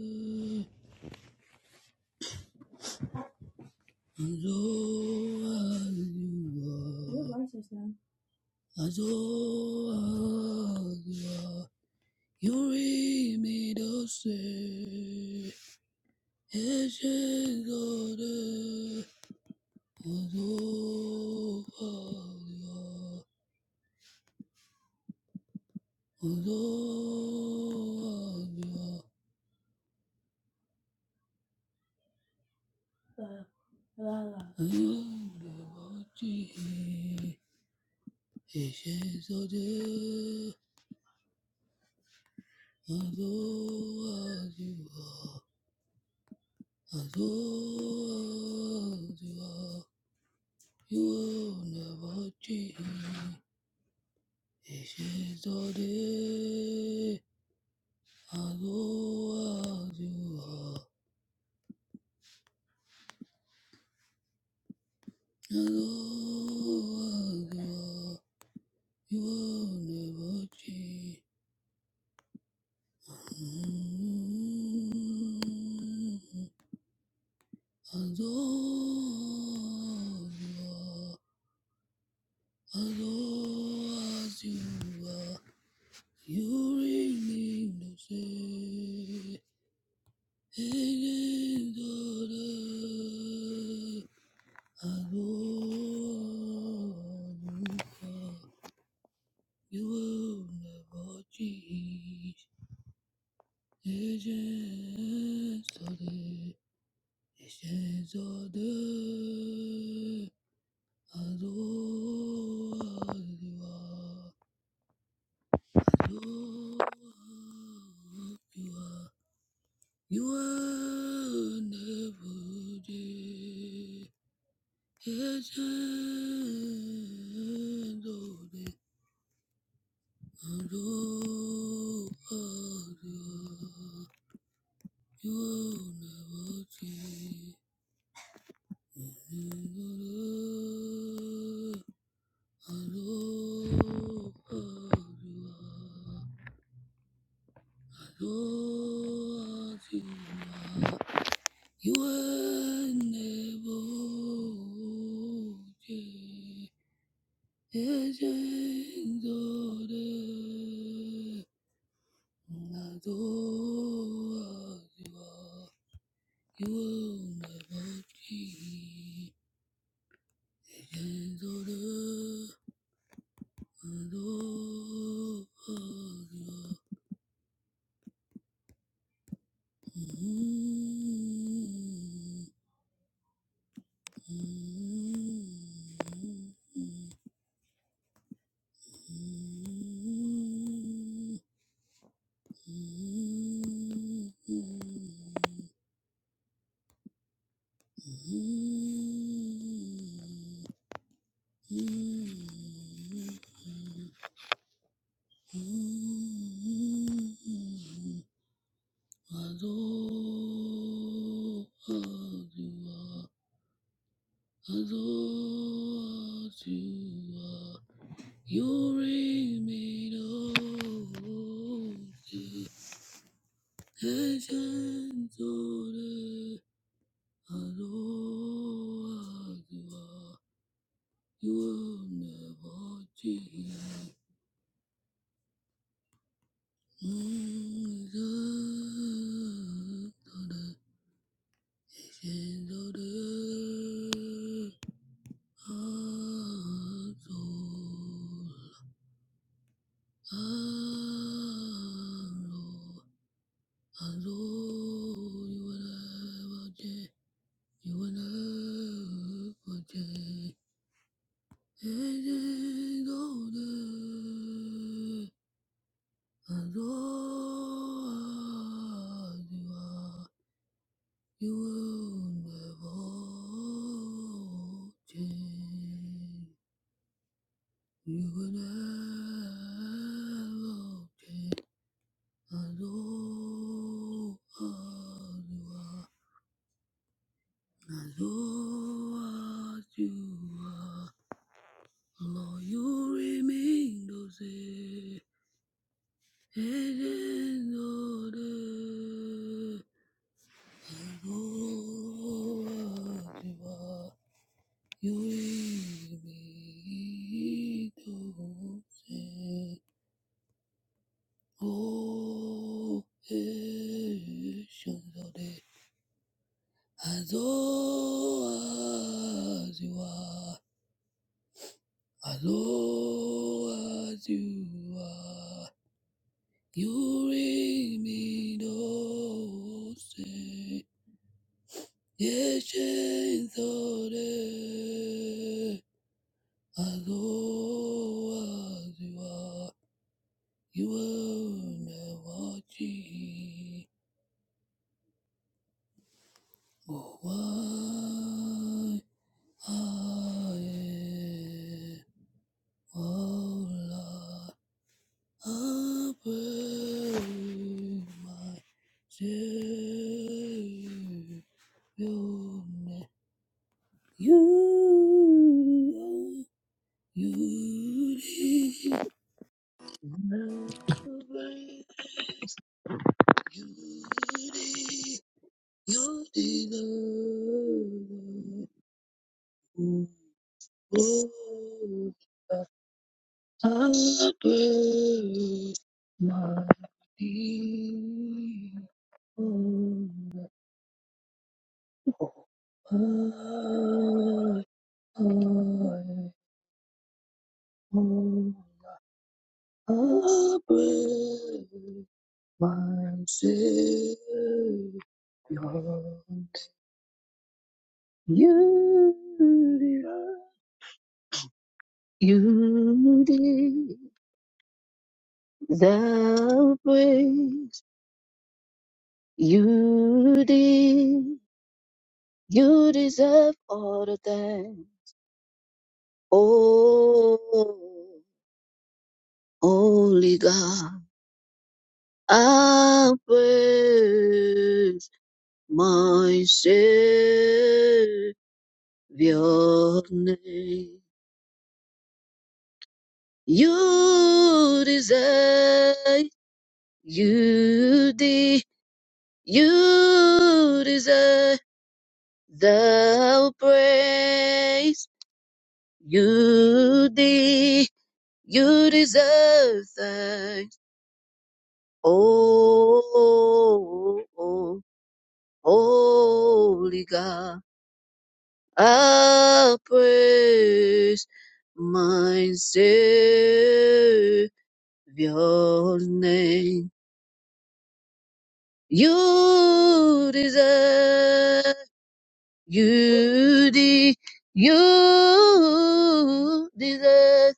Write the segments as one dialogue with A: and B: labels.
A: Your Azor, voice Azor, Yuri Midose, Eshengode, Azor, Azor, Azor, Eshengode, Azor, Above you are, you will never change. This is the day. As low as you are, as low you are, you will never change. mm As low you are, as low you are. You ring no say and daughter, I know You will never change Agents of the Agents of the Adore you are Adore you are You are never dead. You are never dead. You are never dead. Ejendo de la dorada, you're my body. Ejendo de la dorada, hmm. You remain old. Ancient order, Aloha, you will never change. Azor, Azor, You will never change. You will never change. As old as you are, as old as you are, Lord, you remain the same. Ages older, as old as you are. You will be the oh, as old as you are, as old as you are, you ring me no say, Yes, as old as you are. You wonder what she or why I am. Oh Lord, I pray my Savior, You you did not break, you did, you did not. Lord, I praise my people. I, I, I praise my Savior. You did, you did the praise you did You deserve all the thanks. Oh, holy God, I praise my Savior name. You deserve, you de, you deserve the praise. You de, you deserve thanks. Oh, oh, holy God, I praise my Savior's name. You deserve, you de, you deserve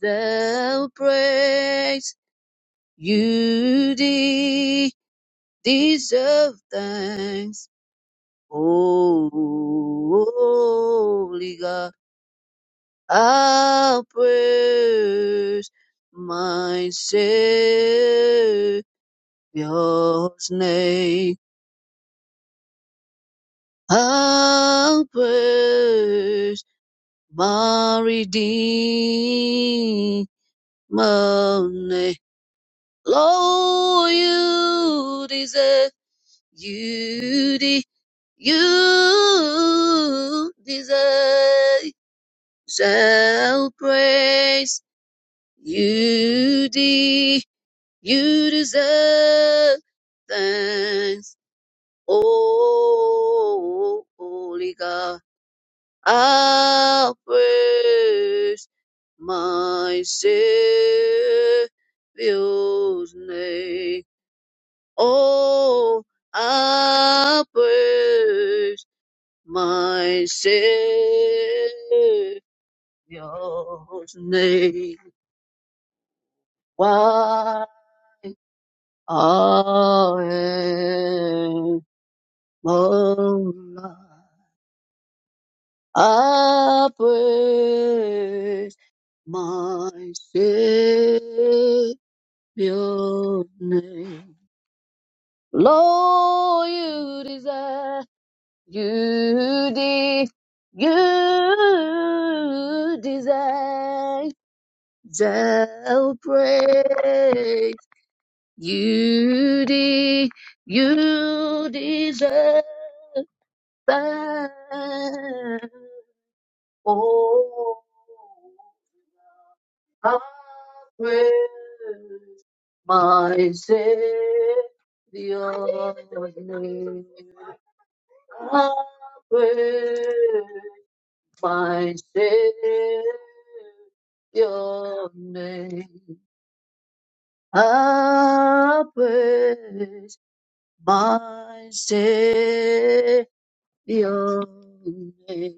A: the praise. You de, deserve thanks. Holy God, I'll praise my Savior's name. I'll praise my Redeemer's name. Lord, you deserve, you deserve. You deserve, shall praise you. De- you deserve thanks, oh holy God. I'll praise my Savior's name. Oh, I'll praise my Savior's name. Why Aemona, I praise my Savior's name. Lord, you desire, you de, you desire, shall praise. You de- you deserve that. Oh, I praise my Savior's name. I praise my Savior's name. I praise my Savior. name.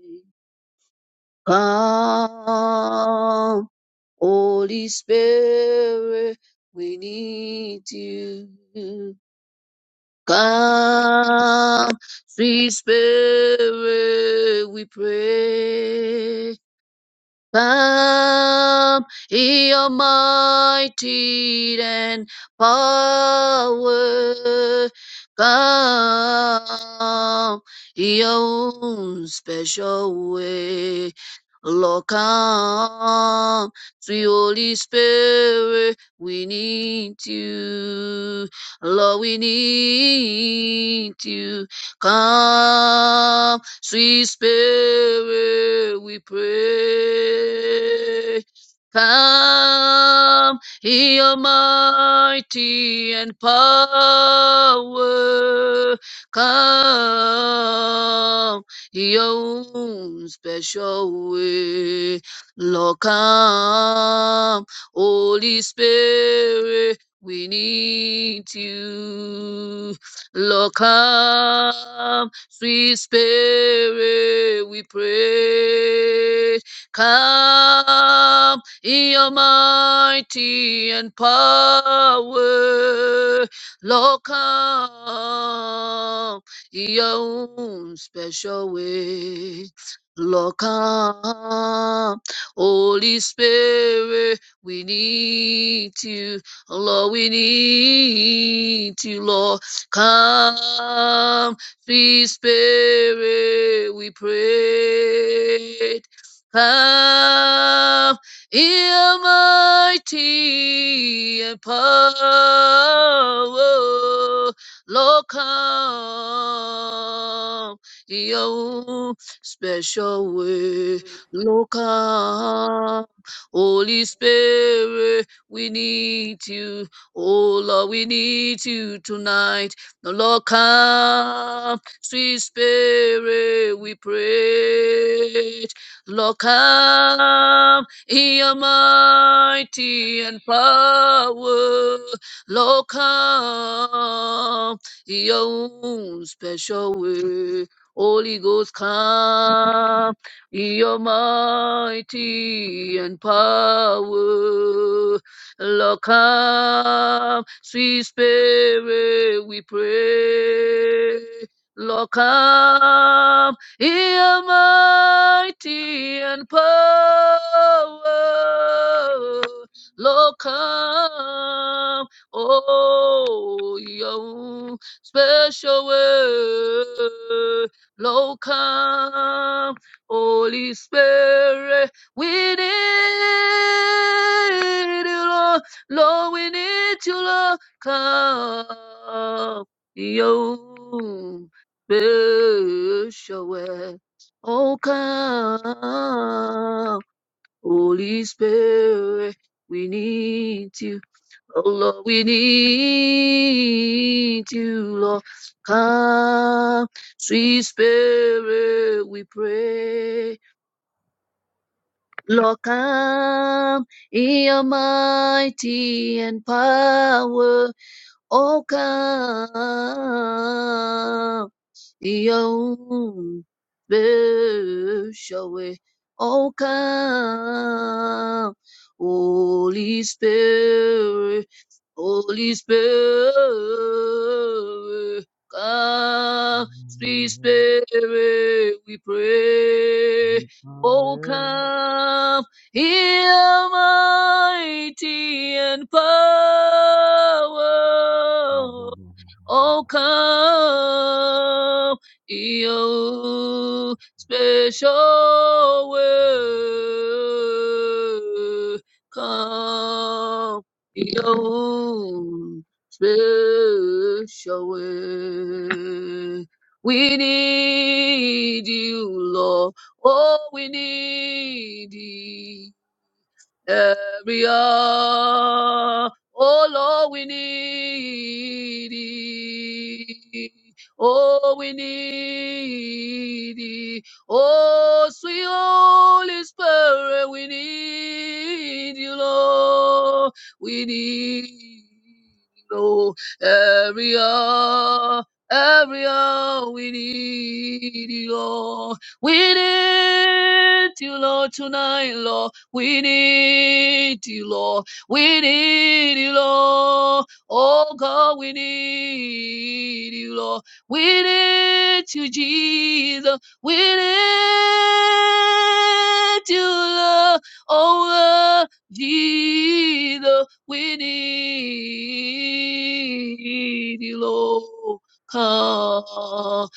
A: Come, Holy Spirit, we need you. Come, sweet Spirit, we pray. Come, ye almighty and power. Come, your own special way. Lord, come, sweet Holy Spirit, we need you. Lord, we need you. Come, sweet spirit, we pray. Come, ye mighty and power. Come, in your own special way. Lord, come, Holy Spirit, we need you. Lord, come, sweet spirit, we pray. Come in your mighty and power. Lord, come in your own special way. Lord, come, Holy Spirit, we need you. Lord, we need you, Lord. Come, sweet spirit, we pray. Come, in mighty and power, Lord, come in your special way, Lord, come, Holy Spirit, we need you, oh Lord, we need you tonight. The Lord come, sweet spirit, we pray. The Lord come in your mighty and power. Lord come in your own special way. Holy Ghost come in your mighty and power. Lord, come, sweet spirit, we pray. Lord, come, hear mighty and power. Lord, come, oh, your own special way. Lord, come, Holy Spirit. We need you, Lord. Lord, we need you, Lord. Come, you special way. Oh, come, Holy Spirit. We need you. Oh, Lord, we need you, Lord. Come, sweet Spirit, we pray. Lord, come in your mighty and power. Oh, come in your own special way. Oh, come, Holy Spirit, Holy Spirit, come, sweet Spirit, we pray. Oh, come. Heal mighty and power.
B: Hallelujah.
A: Oh, come, your special way. Come, your special way. We need you, Lord. Oh, we need You area. Oh Lord, we need thee. Oh, we need thee. Oh, sweet Holy Spirit, we need you, Lord. We need you, Lord. Area, area, we need you, Lord. We need you, Lord, tonight, Lord. We need you, Lord. We need you, Lord. Oh God, we need you, Lord. We need you, Jesus. We need you, Lord. Oh Lord, Jesus, we need you, Lord. Come, oh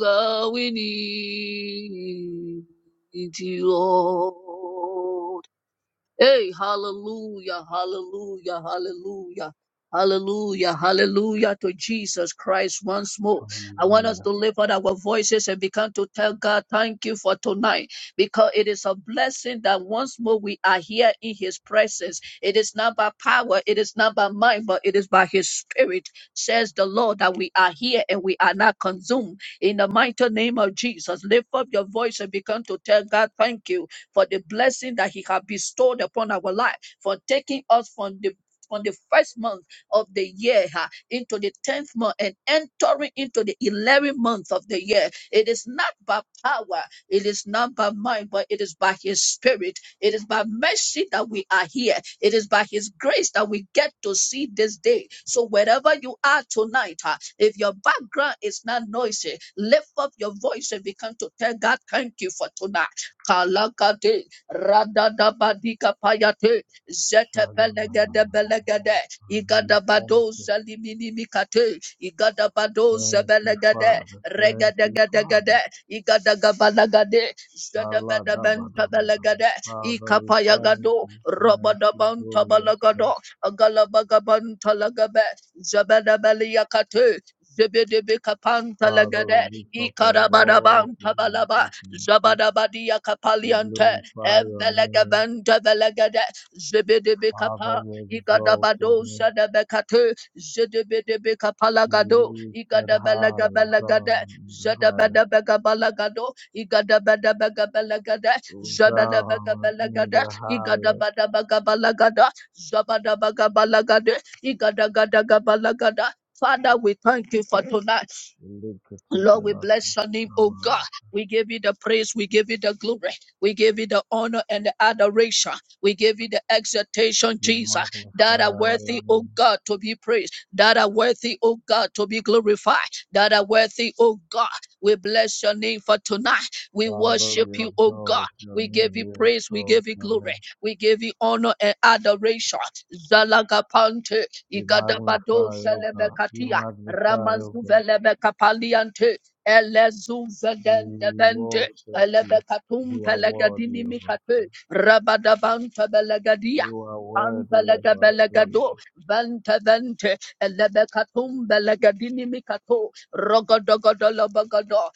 A: God, we need. Need you, Lord. Hey, hallelujah, hallelujah, hallelujah. Hallelujah, hallelujah to Jesus Christ once more. I want us to lift out our voices and begin to tell God, thank you for tonight, because it is a blessing that once more we are here in his presence. It is not by power, it is not by might, but it is by his spirit, says the Lord, that we are here and we are not consumed. In the mighty name of Jesus, lift up your voice and begin to tell God, thank you for the blessing that He has bestowed upon our life, for taking us from the from the first month of the year ha, into the tenth month and entering into the eleventh month of the year. It is not by power, it is not by mind, but it is by His Spirit. It is by mercy that we are here. It is by His grace that we get to see this day. So wherever you are tonight, ah, if your background is not noisy, lift up your voice and begin to tell God, "Thank you for tonight. Kalakati Radadabadika Payate
B: Shadababa.
A: Zetepelegede Belegede
B: Hallelujah. Thank
A: Igadabado
B: you.
A: Salimini Mikate Igadabado
B: Thank you,
A: Sebelegede
B: Father. Thank you,
A: Regedegedegede
B: Father.
A: Igadabalagade Zedebedebenta
B: Shaladabadabadaba.
A: Belegede
B: Father, we thank
A: Ikapayagado
B: you. Thank you,
A: Robadabanta
B: glorious God.
A: Balagado Agalabagabanta Lagabe Zebedebeliakate Zebedebekapanta
B: Father,
A: Lagade
B: we lift up our voices
A: Ikarabadabanta
B: and we
A: Balaba
B: say thank you.
A: Zabadabadia
B: We
A: Kapaliante,
B: glorify your name.
A: Evelegaventa Velegade,
B: Father,
A: Zibidibikapa,
B: we exalt your
A: Igadabado
B: name.
A: Sadabekatu,
B: Lift
A: Zidibidibikapalagado,
B: it high, Hosanna
A: Igadabelegabelagade,
B: in the highest.
A: Zadabadabegabalagado, Igadabedabegabalagade,
B: Hosanna in
A: Zabadabegabalagade,
B: the highest.
A: Igadabadabagabalagada, Zabadabagabalagade, Igadagadagabalagada. Father, we thank you for tonight. Lord, we
B: Shlikatipilakun
A: bless your name, oh God.
B: Shabbat.
A: We give you the praise, we give you the glory, we give you the honor and the adoration, we give you the exaltation,
B: We
A: Jesus, that are
B: magnify your
A: worthy, oh
B: name.
A: God, to be praised, that are worthy, oh God, to be glorified, that are worthy, oh God. We bless your name for tonight. We
B: Father,
A: worship
B: we
A: you, oh God.
B: exalt your
A: We give
B: name.
A: you
B: We
A: praise, we
B: exalt
A: give you
B: your
A: glory,
B: name.
A: we give you honor and adoration. Zalagapante,
B: We magnify,
A: Igadabado,
B: O God. We
A: Zelebekatia.
B: magnify, O God.
A: Ramazuvele kapaliante. Elezuvedende
B: We
A: vente.
B: worship you.
A: Elevekatum
B: You are worthy
A: pelegadini
B: of our praise.
A: mikate. Rabadavanta belegadia.
B: You are worthy of
A: Antelega
B: our praise.
A: belegado. Vente vente. Elevekatum belegadini mikato. Rogodogodolobagado.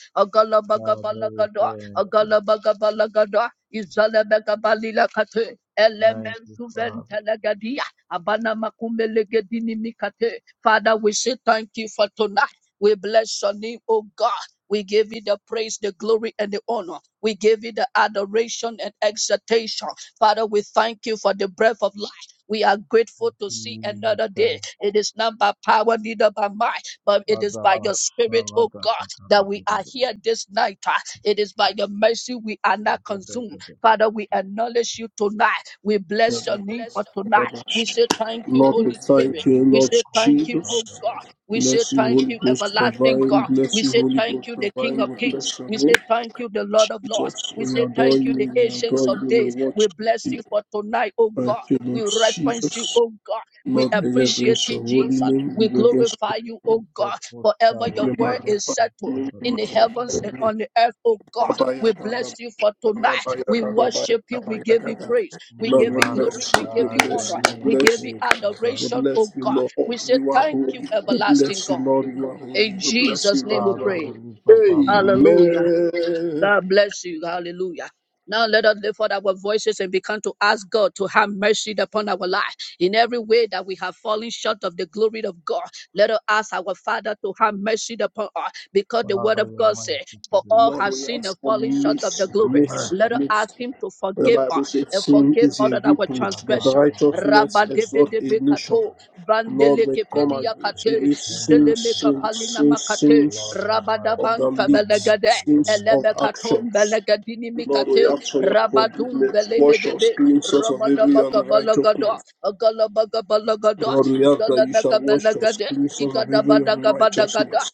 B: Father, we
A: Agolobagabalagado.
B: thank you.
A: Agolobagabalagado. Izalebegabalila kate.
B: Thank
A: Elemen
B: you, Father.
A: suvente legadia. Abana makumbe legedini mikate. Father, we say thank you for tonight. We bless your name, oh God. We give you the praise, the glory, and the honor. We give you the adoration and exaltation. Father, we thank you for the breath of life. We are grateful to see another day.
B: Jesus.
A: It is not by power, neither by might, but it is by your spirit, oh God, that we are
B: Adabashalakatakatakata.
A: here this night. Ah, It is by your mercy we are not consumed.
B: Teketeketeke.
A: Father, we acknowledge you tonight. We bless
B: We
A: your name
B: bless
A: for tonight.
C: Lord,
A: We say thank you,
C: we
A: Holy
B: your
A: Spirit.
C: thank you,
A: We
C: Lord
A: say thank you, oh
C: Jesus.
A: God.
B: Rebedekoshalabada.
A: We say
C: Bless you,
A: thank
C: Holy
A: you,
C: Ghost
A: everlasting
C: divine.
A: God. We
C: Bless you,
A: say
C: Holy
A: thank
C: Ghost
A: you, the King
C: divine.
A: of
C: We
A: Kings.
C: bless your
A: We
C: name.
A: say thank you, the Lord of Lords.
C: Jesus,
A: We
C: we
A: say
C: adore
A: thank you, the
C: you. We
A: Ancients
C: adore
A: of
C: you. We
A: Days. We
C: watch
A: bless
C: you.
A: you for tonight, oh
C: Thank
A: God.
C: you,
A: We
C: Lord
A: reference you,
C: Jesus.
A: oh God. We
C: Lord, we
A: appreciate
C: reverence
A: you,
C: your holy
A: Jesus.
C: name. We
A: We
C: reverence your
A: glorify you, oh God. Forever
C: holy
A: your
C: name.
A: word is
C: Magnify your
A: settled
C: name. We
A: in the
B: Sekipotoshalabedeketebedeketa.
C: magnify
A: heavens
C: your
A: and
C: name.
A: on the earth, oh God.
C: Abaya,
A: We bless
C: Abaya,
A: you for tonight.
C: Abaya,
A: We worship you. We
C: Abaya, Abaya,
A: give you
C: Abaya.
A: praise. We
B: We
C: Lord,
A: give
C: we
A: you
C: bless
A: glory.
C: you.
A: We give
C: We
A: you
B: magnify
A: honor.
B: your
C: bless you. We
B: name,
A: We
C: bless
A: give you
C: you.
B: faithful God.
C: We
A: adoration,
C: bless
A: oh
C: you,
A: God.
C: Lord.
A: We say
C: You are
A: thank you,
C: holy. We
A: everlasting
C: bless you,
A: God.
C: Lord. You are
A: In
C: holy. We bless
A: Jesus'
C: you,
A: name
C: Lord.
A: we
C: You are
B: Father, we
A: pray.
C: holy.
B: lift up our voice. unto
A: Hallelujah.
B: you.
C: Amen.
A: God bless you. Hallelujah. Now let us lift up our voices and begin to ask God to have mercy upon our life in every way that we have fallen short of the glory of God. Let us ask our Father to have mercy upon us because the word
B: Father,
A: of
B: your
A: God says,
B: mercy
A: For
B: today.
A: all
C: Lord,
A: have
C: we
A: sinned
C: ask
A: and
C: for
A: fallen short of the
C: mercy,
B: Your
A: glory.
C: mercy,
B: mercy
A: Let us ask
C: mercy.
A: Him to
C: The
A: forgive
C: Bible
A: us
C: says
A: and
C: sin
A: forgive
C: is
A: all
C: a
A: of our
B: today.
C: reproach, but
A: transgression.
C: righteousness
A: Rabba
C: is
A: debe
C: not a
A: debe
C: nation.
A: kato,
B: Dabadabadabadabadabadabada.
C: Lord,
A: vandele
C: we come
A: kepelia
C: against
A: kate,
C: every sin,
A: zeleme
B: Malekete.
C: sin,
A: kapalina
C: sin,
A: makate,
B: Lord,
C: sins
B: your
A: rabba
C: of
B: mercy,
A: dabang
C: the
B: your
C: lips,
B: mercy,
A: tabelegade,
B: your
C: sins of
B: mercy.
A: elebekatom
C: actions.
A: belegadini
C: Lord, we
A: mikate
C: ask for your
A: rabadum
C: forgiveness. Wash
A: belebedebe
C: us, cleanse us of every
A: rabadabaka balagada
C: unrighteousness.
A: agalabaka balagada
C: Lord, you shall
A: zalabaka
C: wash us,
A: balagade
C: cleanse us of every
A: igadabadaga badagada
C: unrighteousness.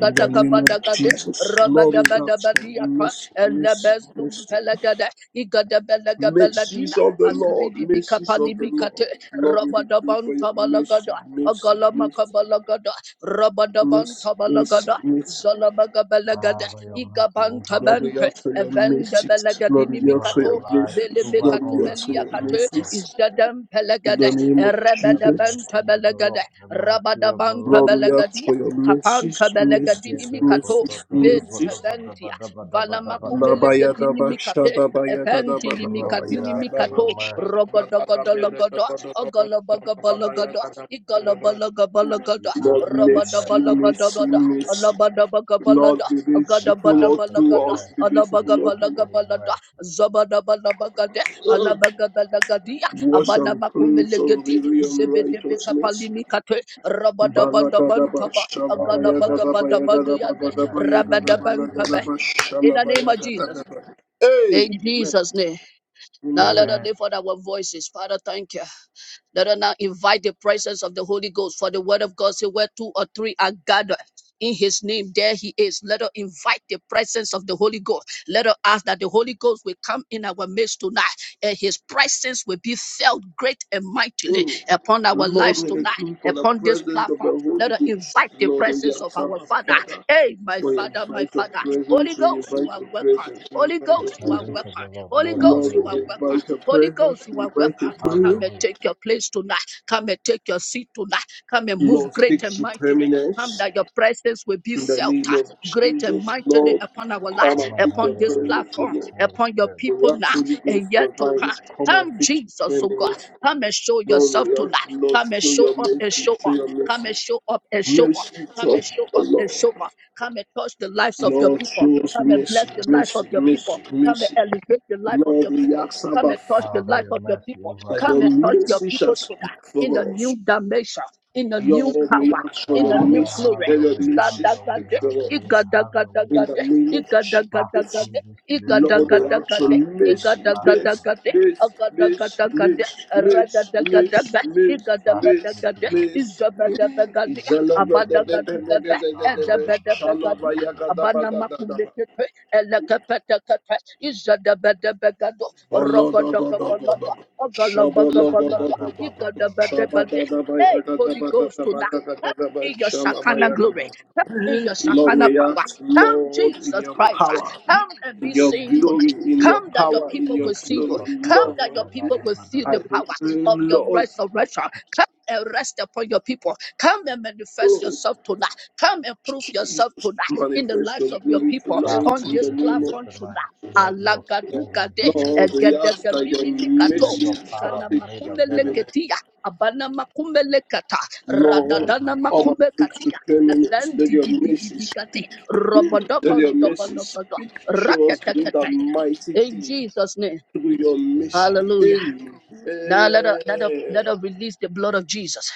C: In the name of
A: badagade
C: Jesus. Lord, we ask for
A: rabadabadabadiata
C: mercy, mercy,
A: elebezum
C: mercy.
A: belegade igadabelega beladina
C: Mercies of the Lord,
A: azibilibika
C: mercies of the Lord.
A: palimikate
C: Lord, we decree for your
A: rabadabanta
C: mercy,
A: balagada
C: mercy, mercy,
A: agalamaka balagada
C: mercy,
A: rabadabanta
C: mercy,
A: balagada
C: mercy.
B: Father, your mercy over
A: igabanta
B: us,
C: Lord, we
A: bante
C: ask for your
A: evende
C: mercies.
A: belegadini
C: Lord, we
B: over
C: ask for
B: our
C: your
A: mikato
B: lives,
A: vele
C: mercies.
B: over
C: Lord,
B: all
C: we
B: the
C: ask for
A: mekatumelia
C: your
B: concerns
A: kate
B: of
C: mercies.
A: izadem
C: In
A: pelegade
C: the name of
B: the
A: erebede
C: Jesus.
A: bente
B: mercy of the
A: belegade
B: Lord, the mercy
A: rabada
B: of the
A: bante
B: Lord.
C: Lord, we ask
A: belegadia
C: for your mercies,
A: kapanta
B: We give
A: belegadini
C: mercies,
B: the
A: mikato
C: mercies,
B: koto- do- do- bo-
A: vente
B: do-
C: mercies.
B: bo- do- bo-
A: ventia
B: do- bo- do-
A: vala
B: bo- do- bo- do-
A: makume
C: Lord,
B: bo- do-
C: mercy,
A: legedini mikate epenti
B: Lord, we
A: limikadini
B: ask for your
A: mikato
B: mercy.
A: rogodogodologodo ogolobogobologodo igolobologobogodo
B: We ask for your mercy.
C: mercy, mercy.
A: robadobolobodobodo
C: Lord, be
B: We
C: merciful
B: ask for your
C: unto
A: Agadabadabalaga,
C: us,
B: mercy.
C: be
B: We
C: merciful
B: ask
C: unto
B: for your
A: alabagabalagabalada,
B: mercy.
A: zabadabalabagade,
C: us.
A: alabagabalagadia,
C: Wash and cleanse us of
A: abanamakumelegedi,
C: every unrighteousness.
A: zebedebekapalimikate,
C: Balagadaba,
A: rabadabandabantaba,
B: Lord, your mercy,
C: shalabayagadaba,
A: agalabagabadabaduyande,
B: your
C: yagadabadaba,
B: mercy, your mercy, your
A: rabadabankabe.
C: yagadabalagadaba,
B: mercy.
A: In the name of Jesus.
C: shalabayagadaba.
A: In
C: Amen.
A: Jesus' name. Now let
C: Amen.
A: us
B: Amen.
A: lift up our voices. Father, thank you. Let us now invite the presence of the Holy Ghost for the word of God. Say, where two or three are gathered in his name, there he is. Let us invite the presence of the Holy Ghost. Let us ask that the Holy Ghost will come in our midst tonight and his presence will be felt great and mightily
C: Oh,
A: upon our
C: Lord,
A: lives
C: we thank
A: tonight,
C: you for the
A: upon this
C: presence of
A: platform.
C: the Holy
A: Let us
C: Ghost.
A: invite the
C: Lord, we
A: presence
C: are
A: of our
C: Sama,
A: Father.
C: Father.
A: Hey, my
C: We
A: Father, my
C: invite your
A: Father. Holy
C: presence, we
A: Ghost, you
C: invite
A: are
C: your
A: welcome.
C: presence, we
A: Holy
C: invite
B: The
C: your
A: Ghost, you are
B: presence
C: presence.
B: of
A: welcome.
B: the Lord.
A: Holy
B: Lord, have
A: Ghost,
C: Lord,
A: you
B: your
A: are
B: way.
C: we
A: welcome.
C: invite your
A: Holy
C: presence,
A: Ghost, you
C: we
A: are
C: invite
A: welcome.
C: your
B: Have
A: Come
B: your
C: presence.
A: and
B: way.
A: take your place tonight. Come and take your seat tonight. Come and move
C: Lord,
A: great
C: stick
A: and
C: to
A: mightily. Come
C: permanence
A: that your presence will be
C: in the
A: felt
C: name
A: ah,
C: of
A: great and
C: Jesus.
A: mightily
C: Lord,
A: upon our life,
C: come
B: Come
C: and
B: and
C: fix
B: have
A: upon
C: your
B: your
A: this
B: way,
C: presence, O
B: sweet
A: platform,
C: Lord.
B: Holy
A: upon your
B: Spirit.
C: We
A: people
C: ask
A: now
C: Holy Ghost
A: and yet to
C: divine,
A: come.
C: come and
A: Come,
C: fix
A: Jesus,
C: your
A: oh God.
C: permanence.
A: Come and show
C: Lord,
A: yourself
C: we ask,
A: tonight.
C: Lord,
A: Come and
C: show
A: show
C: your
A: up and
C: mercy,
A: show
C: show
A: off.
C: your
A: Come
C: mercy.
A: and show up and show off.
C: Mercy, to
A: Come
C: us,
A: and show
C: O
A: up and
C: Lord,
A: show off. Come and touch the lives of your
C: Lord,
A: people.
C: show us
A: Come and
C: mercy,
A: bless the life
C: mercy,
A: of your people.
C: mercy,
A: Come and
C: mercy.
A: elevate the life of
C: Lord,
A: your
C: we
A: people.
C: ask
A: Come and
C: about
A: touch the
C: Father
B: Father,
A: life
B: your
A: of your
B: mercy
A: people.
B: over
C: that
A: Come
C: your
B: us.
A: and touch your
C: mercy
A: people
C: shall speak
A: tonight in a
C: for
A: new
C: us.
A: dimension, in a new
C: Lord, we
A: power,
C: ask for
A: in
C: your
A: a new
B: Father,
C: mercy,
B: have
A: glory.
C: let
B: your
C: your
B: way. Have
C: mercy
B: your
C: speak
B: way.
A: Gadagade,
C: for
B: Have your way.
C: us.
B: Have your way.
C: In the
A: igadagadagade,
C: name of
B: Pass
C: Jesus,
A: igadagadagade,
B: through this place
C: Lord, we
B: tonight.
C: ask for
A: igadagadagade,
B: Pass through.
C: mercy,
B: Pass
C: mercy,
B: through.
A: igadagadagade,
C: mercy, mercy,
A: agadagadagade,
C: mercy, mercy, mercy,
A: ragadagadagade,
C: mercy,
B: Pass
C: mercy,
B: through
A: igadabadagade,
B: tonight.
C: mercy.
A: izabadabagade,
B: Yedebeko.
A: abadagadugabe,
C: Izalabadadabadadabadadabada,
A: ezabadabagade,
B: Sharadabadabadabadaba.
C: shalabayakadabadadabada.
A: abanamakumbekete, elekepetekete, izadabadabagado,
C: Lord, we
A: rogodogobolo, Hey,
C: ask,
B: Nadagababadabadabadaba.
A: Holy Ghost to that. Come in your Shakana glory. Come in your Shakana power. Come,
C: Lord, in
A: Jesus
C: your
A: Christ.
C: power,
A: Come and
C: in
A: be
C: your
A: seen
C: glory,
A: tonight.
C: in your
A: Come that your
C: power, in
A: people
C: your
A: will see you.
C: glory,
A: Come
C: Lord,
A: that your people will feel
C: I
A: the
B: Sokototabashalabadabadaba.
A: power of
C: proclaim,
A: your
C: Lord,
A: resurrection. Come and rest upon your people. Come and manifest
C: oh,
A: yourself tonight. Come and prove yourself
C: Jesus,
A: tonight in the
C: manifest your
A: lives of your
C: glory
A: people
B: Pass
C: tonight
A: on
C: in
B: through
A: this
C: the
B: this
C: name
B: place
C: of
A: platform tonight.
B: tonight. Let your
A: Alagaduga
B: presence be
A: de,
B: made
C: Lord,
B: known.
C: we ask
A: egedege
C: that your
A: bimimikato,
B: Let
C: mercy
B: your
C: shall
B: power
A: Zana
B: be
C: take
B: made
C: the
A: makumbe
C: criminal.
B: available.
A: leketia. Abana makumbe lekata.
B: Yeah,
C: Lord,
B: God,
A: Radadana
B: God.
C: come and
A: makumbe
C: fix the
A: katia. And
C: cleanliness.
A: then
C: Let
A: di
C: your
A: di di di
C: mercy
A: di kate.
C: speak. Let
A: Robodobo
C: your
A: dobo
C: mercy
A: dobo do.
C: speak. Show us great
A: Rakatatata.
C: and mighty
A: In
C: things
A: Jesus' name.
C: through your mercy.
B: Amen.
A: Hallelujah.
C: Amen.
A: Now let us let us let us release the blood of Jesus.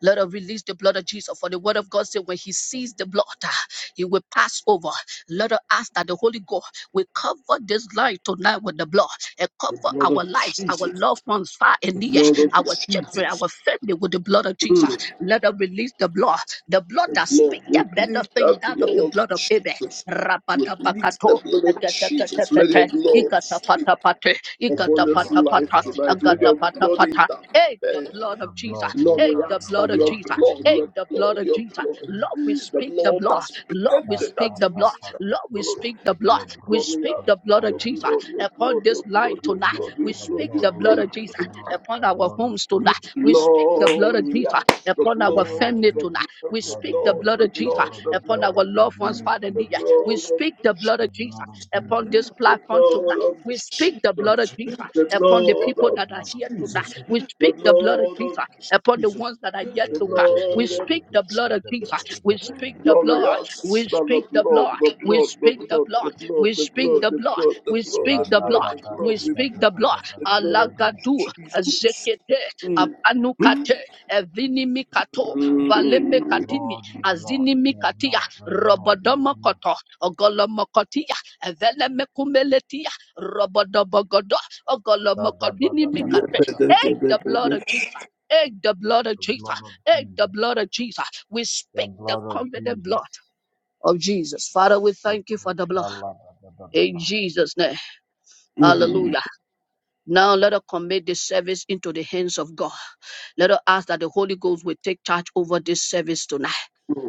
A: Let us release the blood of Jesus. For the word of God said, when he sees the blood, ah, he will pass over. Let us ask that the Holy Ghost will cover this life tonight with the blood and
C: The
A: cover
C: blood
A: our
C: of
A: lives, our
C: Jesus.
A: loved ones, far and
C: The
A: near,
C: blood of
A: our children,
C: Jesus.
A: our family with the blood of Jesus.
C: Mm.
A: Let us release the blood, the blood
C: The
A: that
C: blood.
A: speaks
C: We
A: a better
C: plead
A: thing
C: that
A: than of the
C: blood
A: blood
C: of
A: of Abel.
C: Jesus. We plead the
A: Rabadabakato,
C: blood of Jesus. Let your
A: egetetetepete,
C: blood speak
A: igatapatapate,
B: Lord, your
C: upon this
B: blood,
C: life
A: igatapatapata,
B: your blood, your
C: tonight. Let
B: blood,
C: your blood
A: agatapatapata. Hey, the
C: interfere.
A: blood
B: your
A: of Jesus
B: blood,
C: Lord,
B: oh
C: we
A: in
B: God,
A: the
C: ask
B: your
A: blood
C: that
A: of
C: your
B: blood,
A: Jesus,
B: your
C: blood,
B: blood.
C: your
A: in the blood
C: blood,
A: of
C: your
A: Jesus.
C: blood,
A: Lord, we
C: the
A: speak the
C: blood
A: blood.
C: that speaketh
A: Lord, we
B: Ita,
C: greater
A: speak
B: ta,
A: the
B: ta,
A: blood.
C: things
B: ta,
C: than the
B: ta,
A: Lord,
B: ta,
A: we
C: blood.
B: ta.
A: speak the blood.
B: Lebro,
A: We
C: Lord,
B: the
C: we
A: speak
C: ask
B: cross,
A: the blood
C: that
A: of
C: your
B: fire.
A: Jesus
C: blood, your
A: upon
C: blood,
A: this
C: your
A: line
C: blood,
B: Your
C: your
A: tonight.
B: blood,
C: blood,
A: We
C: your
B: your
C: blood,
A: speak
C: your
B: blood,
A: the
B: oh
A: blood of
B: God,
C: blood.
A: Jesus
B: the blood,
A: upon
B: the
A: our
B: blood of
A: homes tonight.
B: Jesus,
A: We speak the blood
C: Lord,
A: of
C: we
A: Jesus
C: ask the
A: upon
B: the
A: our
B: blood of
C: blood,
A: family
C: the
A: tonight.
B: Jesus, the
C: blood,
A: We
C: the
B: blood
A: speak
B: of
A: the blood
B: Jesus,
C: blood, the
A: of
B: the
A: Jesus
C: blood,
B: blood of
A: upon our
B: Jesus, the
A: loved
C: the
B: blood
A: ones,
C: blood
B: of
A: Father
C: the
A: dear.
B: Jesus,
A: We
C: blood
A: speak the blood
B: the
A: of Jesus
B: blood of
A: upon this
C: of the
A: platform tonight.
C: blood of
A: We speak the blood of
C: Jesus, the
A: Jesus upon the
C: blood
A: people
C: of
A: that are here tonight.
C: Jesus,
B: Jesus,
A: We
C: the
A: speak the blood of
C: blood of
A: Jesus upon the
C: Jesus,
A: ones that are yet
B: the
C: the
A: to come. We
C: blood of
A: speak the blood of Jesus. We
B: blood of
A: speak
B: Jesus.
A: the blood.
C: Glorious
A: We
C: Son
A: speak
C: of
A: the blood.
C: Lord, the
A: We
C: blood, the
A: speak the
C: blood, the
A: blood.
C: blood,
A: We
C: the
A: speak
C: blood,
A: the
C: the
A: blood.
C: blood, the
A: We
C: blood,
A: speak
B: Lord,
C: the
A: the
C: blood,
A: blood.
C: the blood,
A: We
C: we
B: your
A: speak the
C: plead
A: blood.
C: the blood of
A: Alagadu, Zekete, Abanukate, Evinimikato, Valemekatini,
B: Lord, your
A: Azinimikatia,
B: Lord, your blood, your blood.
A: Robodomokoto, Ogolomokotia, Evelemekumeletia, Robodobogodo, Ogolomokodinimikate.
B: Shadabadabadabada.
A: Hey, the blood of Jesus. Hey, the blood of
B: The
A: Jesus.
B: blood of
A: Hey, the
B: Jesus,
A: blood of Jesus. We
B: the
A: speak the
B: blood of
A: covenant
B: Jesus.
A: blood of Jesus. Father, we thank you
B: Iko
A: for the blood in
B: shalabadabadaba.
A: Jesus' name. Hallelujah.
B: Amen.
A: Now let us commit this service into the hands of God. Let us ask that the Holy Ghost will take charge over this service tonight.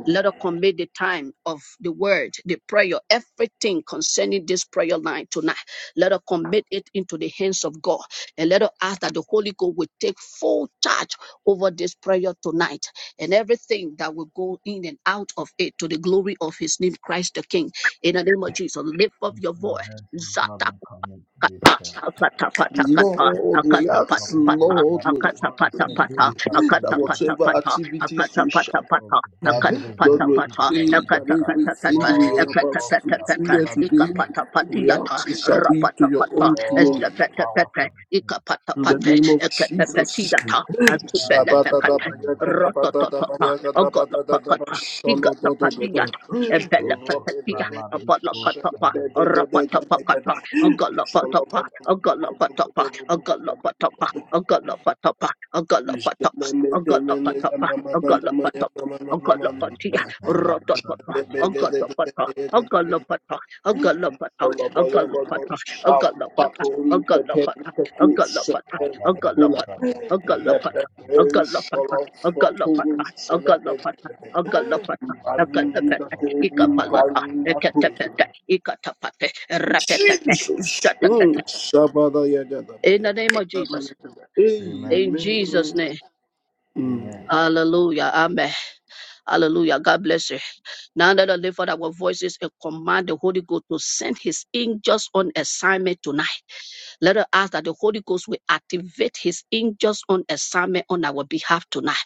A: Let us commit the time of the word, the prayer, everything concerning this prayer line tonight. Let us commit it into the hands of God. And let us ask that the Holy Ghost will take full charge over this prayer tonight and everything that will go in and out of it to the glory of his name, Christ the King. In the name of Jesus, lift up
B: Lift
A: your
B: your
A: voice
B: hands and blood and commit this
A: akata
B: service.
A: akata pata
C: Jesus.
A: kata
C: Lord, we
A: akata
B: We
C: ask,
A: pata
B: commit this
A: pata
C: Lord,
B: garden.
C: we
A: akata
B: Lord is
A: pata
B: here, do
A: pata
B: this as
C: pray that
B: holy
A: akata
B: garden.
A: pata
C: whatever
A: pata
C: activities
A: akata
C: we shall,
A: pata
B: Well,
A: pata
B: the garden is not
C: Lord,
A: akata pata
B: but
C: we
B: it is
A: pata
C: pray
B: as
C: that
B: holy
A: akata
B: garden.
A: pata pata
C: everything we
B: Lord,
C: are about
A: akata
B: because
C: to
B: we
A: pata
B: have
C: do
A: pata
C: here
B: gathered in
C: today,
B: your name.
A: ikapata
C: we
A: patiata
C: ask it shall be to
A: rapata
C: your
A: pata
C: own
B: Lord,
C: glory.
A: ezapata
B: power
A: pata
B: from the
A: ikapata
C: In the
A: pata
C: name of
A: akata
C: Jesus,
A: patiata azupele
B: Koshali
C: Shampakun,
A: kata
B: Badababa,
A: rotototota ogolopakata igata patiata ebele
B: Igo
A: patiata
B: Saladi
A: apolokata
B: Koshali,
A: rapata Ogalopatopa, Ogalopatopa, Ogalopatopa, Ogalopatopa, Ogalopatopa, Ogalopatopa, Ogalopatopa,
B: Lego
A: Ogalopatia,
B: Salada da da
A: Rototota, Ogalopata, Ogalopata, Ogalopata, Ogalopata, Ogalopata, Ogalopata,
C: Pepe,
A: Ogalopata,
C: Pepe,
A: Ogalopata,
B: da da.
C: Pepe,
B: da da da da
C: Kula.
A: Ogalopata,
B: da da da da da
A: Ogalopata, Ogalopata, Ogalopata, Ogalopata, Ogalopata,
B: Koshalibadababa. Igosalabikoshalaba. da da
A: Ikapalata.
B: da
A: Eketepe,
C: Jesus.
A: ikatapape, repetepe,
C: Mm.
A: zetepepe.
C: Shabada Yada, ba
A: In the
C: Yada,
A: name
C: ba
A: of Jesus.
C: Yada.
B: Amen.
A: In
C: Amen.
A: Jesus' name.
C: Mm.
B: Amen.
A: Hallelujah. Amen. Hallelujah. God bless you. Now that I lift up our voices and command the Holy Ghost to send his angels on assignment tonight. Let us ask that the Holy Ghost will activate his angels on assignment on our behalf tonight.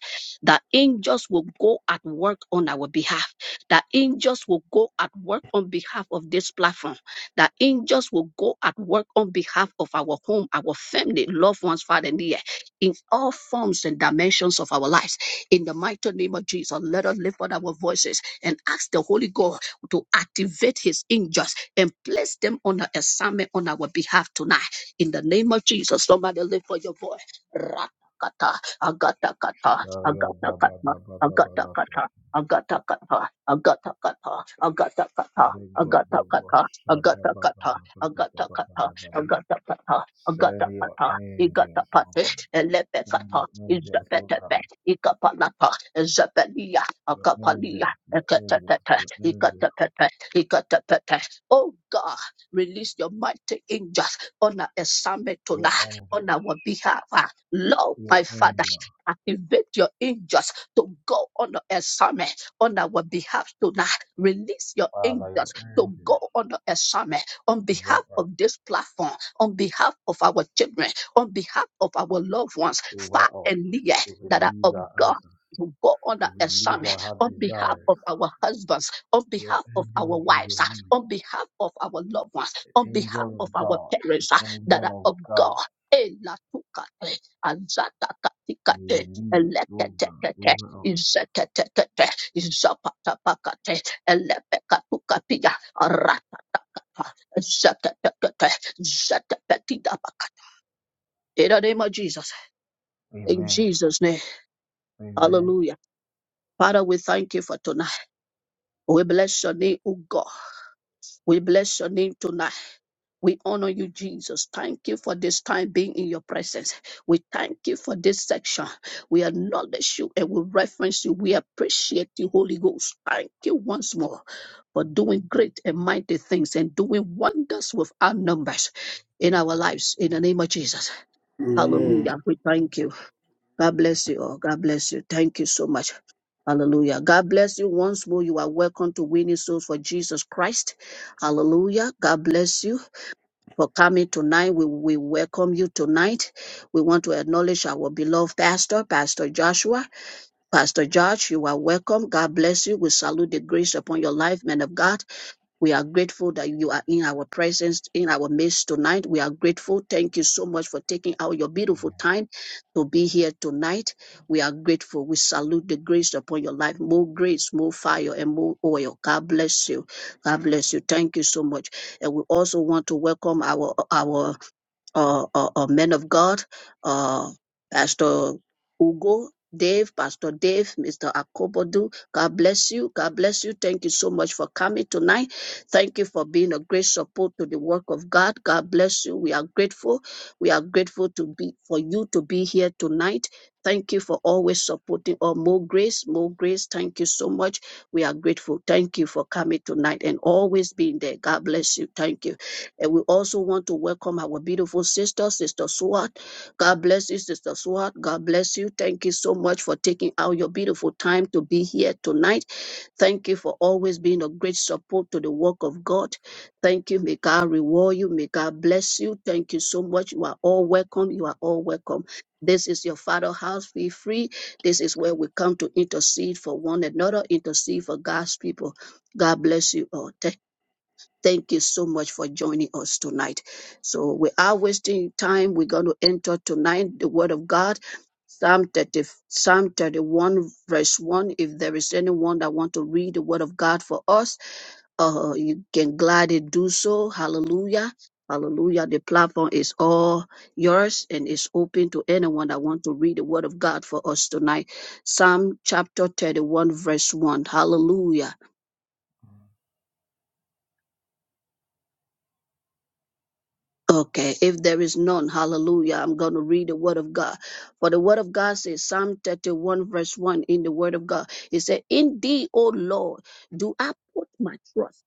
A: That angels will go at work on our behalf. That angels will go at work on behalf of this platform. That angels will go at work on behalf of our home, our family, loved ones, far and near, in all forms and dimensions of our lives. In the mighty name of Jesus, let us lift up our voices and ask the Holy God to activate his angels and place them on an assignment on our behalf tonight. In the name of Jesus, somebody lift for your boy. Ratakata, agatakata,
B: Shaya da
A: agatakata, agatakata. Agatakata, agatakata, agatakata, agatakata, agatakata, agatakata,
B: Legogogosadabadabadabadabadabada.
A: agatakata,
B: Send your
A: agatakata,
B: angels, O
A: igatapate,
B: God. Send
A: elepekata,
B: your angels, O
A: izapetebe,
B: God.
A: ikapalata, ezebelia,
B: Your
A: akapalia,
B: angels, your angels,
A: ekatepete,
B: your angels,
A: ikatepete, ikatepete. Oh God. Release your mighty angels on our assignment
B: your
A: tonight,
B: angels.
A: on our behalf. Ah, Lord,
B: Your
A: my Father,
B: angel,
A: activate your angels to go on the assignment on our behalf tonight. Release your
B: Father, your
A: angels to
B: angels
A: go on the assignment on
B: over
A: behalf
B: us,
A: of this platform, on behalf of our children, on behalf of our loved ones,
B: over
A: far
B: us,
A: and near
B: to
A: that are
B: release
A: of
B: our
A: God.
B: answers,
A: To go on the
B: to release
A: assignment
B: our heart
A: on behalf
B: desires.
A: of our husbands, on
B: Your
A: behalf of our
B: angels you
A: wives, ah,
B: release.
A: on behalf of our loved ones,
B: The
A: on behalf
B: angel
A: of
B: of
A: our
B: God, the
A: parents ah, that are
B: angel
A: of
B: of God,
A: God. Elatukate,
B: you
A: azatakatikate,
B: release, oh God,
A: eleketekete,
B: over us.
A: izeketekete, izapatapakate, elepekatukapiya, arata, zeketekete, zetepetidapakate. In the name of Jesus, in
B: Amen.
A: Jesus' name,
B: Amen.
A: hallelujah. Father, we thank you for tonight. We bless your name, O God. We bless your name tonight. We honor you, Jesus. Thank you for this time being in your presence. We thank you for this section. We acknowledge you and we reference you. We appreciate you, Holy Ghost. Thank you once more for doing great and mighty things and doing wonders with our numbers in our lives. In the name of Jesus.
B: Amen.
C: Amen.
A: Hallelujah. We thank you. God bless you all. God bless you. Thank you so much. Hallelujah. God bless you once more. You are welcome to Winning Souls for Jesus Christ. Hallelujah. God bless you for coming tonight. We, we welcome you tonight. We want to acknowledge our beloved pastor, Pastor Joshua. Pastor George, you are welcome. God bless you. We salute the grace upon your life, man of God. We are grateful that you are in our presence, in our midst tonight. We are grateful. Thank you so much for taking out your beautiful time to be here tonight. We are grateful. We salute the grace upon your life. More grace, more fire, and more oil. God bless you. God bless you. Thank you so much. And we also want to welcome our our uh, uh, uh, men of God, uh, Pastor Ugo, Dave, Pastor Dave, Mr. Akobodu. God bless you. God bless you. Thank you so much for coming tonight. Thank you for being a great support to the work of God. God bless you. We are grateful. We are grateful to be for you to be here tonight. Thank you for always supporting or more grace, more grace. Thank you so much. We are grateful. Thank you for coming tonight and always being there. God bless you. Thank you. And we also want to welcome our beautiful sister, Sister Swat. God bless you, Sister Swat. God bless you. Thank you so much for taking out your beautiful time to be here tonight. Thank you for always being a great support to the work of God. Thank you. May God reward you. May God bless you. Thank you so much. You are all welcome. You are all welcome. This is your father house. Be free. This is where we come to intercede for one another, intercede for God's people. God bless you all. Thank you so much for joining us tonight. So we are wasting time. We're going to enter tonight the Word of God. Psalm 30, Psalm 31 verse 1. If there is anyone that want to read the word of God for us, uh, you can gladly do so. Hallelujah. Hallelujah. The platform is all yours and is open to anyone that want to read the word of God for us tonight. Psalm chapter 31 verse 1. Hallelujah.
B: Amen.
A: Okay, if there is none, hallelujah. I'm going to read the word of God. For the word of God says, Psalm 31, verse 1 in the word of God, it said, In thee, O Lord, do I put my trust.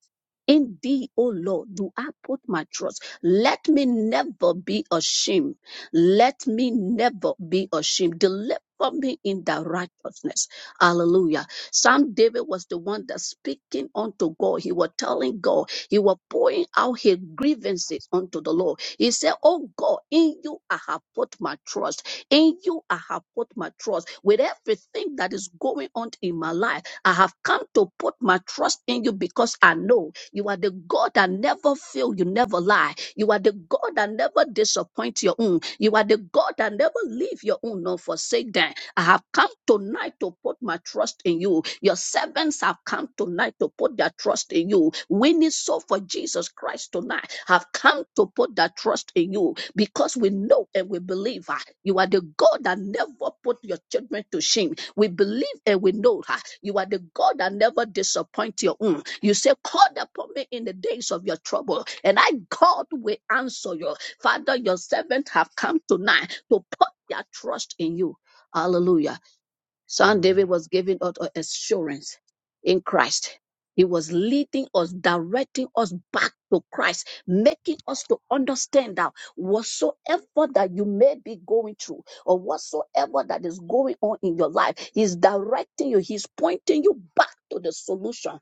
A: In thee, O Lord, do I put my trust. Let me never be ashamed. Let me never be ashamed. Deliver me in thy righteousness. Hallelujah. Psalm David was the one that speaking unto God. He was telling God he was pouring out his grievances unto the Lord. He said, Oh God, in you I have put my trust. In you I have put my trust. With everything that is going on in my life, I have come to put my trust in you because I know you are the God that never fail, you never lie. You are the God that never disappoint your own. You are the God that never leave your own nor forsake them. I have come tonight to put my trust in you. Your servants have come tonight to put their trust in you. Winning so for Jesus Christ tonight have come to put their trust in you because we know and we believe ah, you are the God that never put your children to shame. We believe and we know ah, you are the God that never disappoints your own. You say, Call upon me in the days of your trouble, and I, God, will answer you. Father, your servant have come tonight to put their trust in you. Hallelujah.
B: Amen.
A: Son
B: Amen.
A: David was giving us a- assurance in Christ. He was leading us, directing us back to Christ, making us to understand that whatsoever that you may be going through or whatsoever that is going on in your life, He's directing you, He's pointing you back to the solution.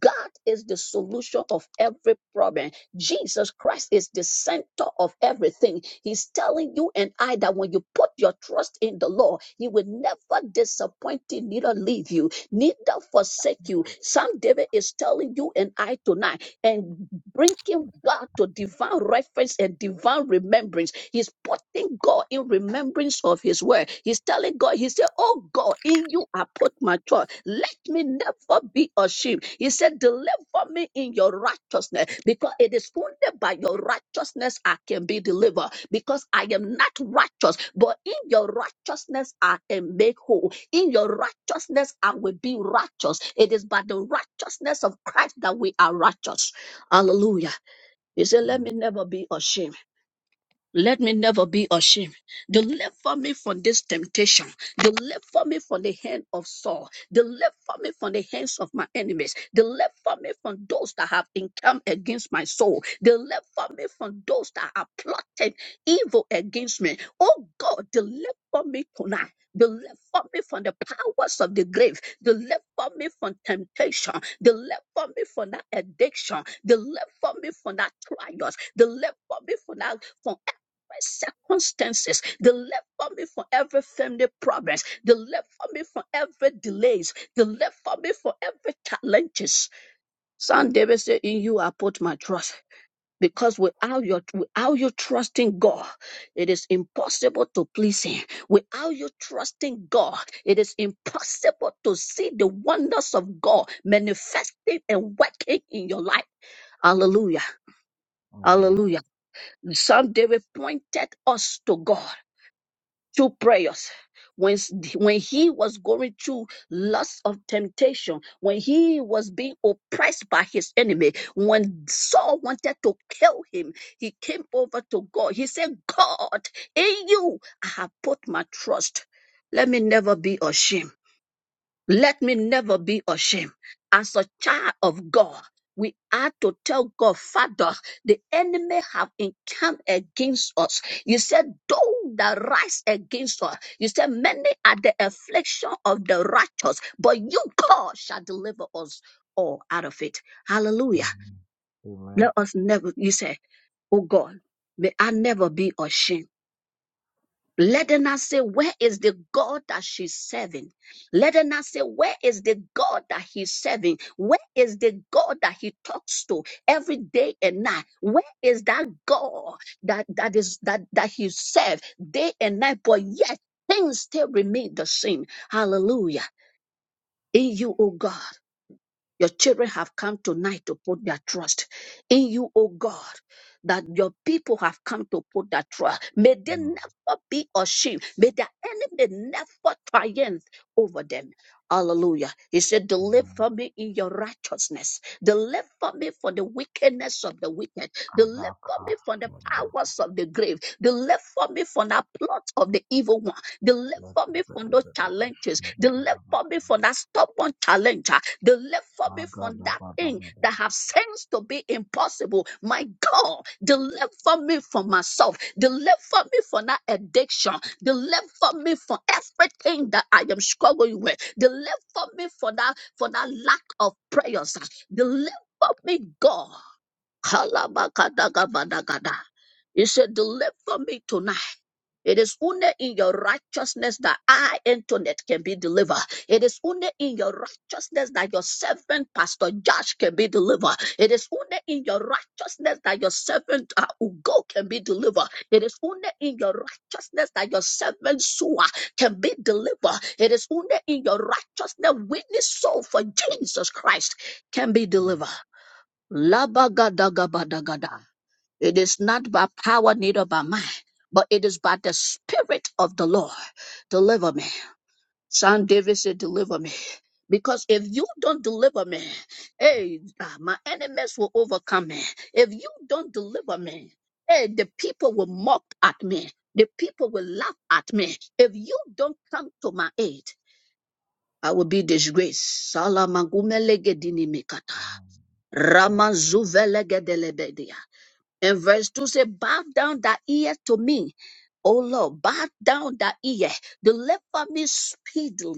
A: God is the solution of every problem. Jesus Christ is the center of everything. He's telling you and I that when you put your trust in the Lord, He will never disappoint you, neither leave you, neither forsake you. Psalm David is telling you and I tonight and bringing God to divine reference and divine remembrance. He's putting God in remembrance of His word. He's telling God, He said, Oh God, in you I put my trust. Let me never be ashamed. He said, Deliver me in your righteousness because it is only by your righteousness I can be delivered because I am not righteous, but in your righteousness I am made whole. In your righteousness I will be righteous. It is by the righteousness of Christ that we are righteous. Hallelujah. He said,
B: Amen.
A: Let me never be ashamed. Let me never be ashamed. Deliver me from this temptation. Deliver me from the hand of Saul. Deliver me from the hands of my enemies. Deliver me from those that have encamped against my soul. Deliver me from those that have plotted evil against me. Oh God, deliver me tonight. Deliver me from the powers of the grave. Deliver me from temptation. Deliver me from that addiction. Deliver me from that trials. Deliver me from that from circumstances. Deliver me from every family problems. Deliver me from every delays. Deliver me from every challenges. Son David said, In you I put my trust. Because without your without you trusting God, it is impossible to please Him. Without you trusting God, it is impossible to see the wonders of God manifesting and working in your life. Hallelujah. Hallelujah. Some David pointed us to God. through prayers. When, when he was going through lots of temptation, when he was being oppressed by his enemy, when Saul wanted to kill him, he came over to God. He said, God, in you I have put my trust. Let me never be ashamed. Let me never be ashamed. As a child of God, we are to tell God, Father, the enemy have encamped against us. You said, though that rise against us, you said, many are the affliction of the righteous, but you, God, shall deliver us all out of it. Hallelujah.
B: Amen. Amen.
A: Let us never, you said, oh God, may I never be ashamed. Let her not say, Where is the God that she's serving? Let her not say, Where is the God that he's serving? Where is the God that he talks to every day and night? Where is that God that, that is that that he serves day and night? But yet things still remain the same. Hallelujah. In you, oh God. Your children have come tonight to put their trust in you, O God, that your people have come to put their trust. May they
B: Mm.
A: never be ashamed. May their enemy never triumph over them. Hallelujah. He said,
B: Amen.
A: Deliver me in your righteousness. Deliver me from the wickedness of the wicked. Deliver
B: Adaka.
A: me from the powers of the grave. Deliver me from the plot of the evil one.
B: Let
A: Deliver
B: the
A: me
B: bed
A: from those
B: of the
A: challenges.
B: bed.
A: Deliver me from that stubborn challenge. ah. Deliver me
B: Saga
A: from
B: da
A: that
B: ba da ba
A: thing
B: da
A: that have seems to be impossible. My God, deliver me from myself. Deliver me from that addiction. Deliver me from everything that I am struggling with. Deliver me for that for that lack of prayers. ah. Deliver me, God. Kalabakadagabadagada. He said, Deliver me tonight. It is only in your righteousness that I, Antoinette, can be delivered. It is only in your righteousness that your servant, Pastor Josh, can be delivered. It is only in your righteousness that your servant, uh, Ugo, can be delivered. It is only in your righteousness that your servant, Sua, can be delivered. It is only in your righteousness, that witness soul for Jesus Christ can be delivered.
B: Hallelujah.
A: Labagadagabadagada. It is not by power, neither by might, but it is by the Spirit of the Lord. Deliver me. Son David said, Deliver me. Because if you don't deliver me, hey, ah, my enemies will overcome me. If you don't deliver me, hey, the people will mock at me. The people will laugh at me. If you don't come to my aid, I will be disgraced. Salamagumelegedinimikata. Ramazuvelegedelebedia. And verse 2 say, Bow down thy ear to me. O Lord, bow down thy ear. Deliver me speedily.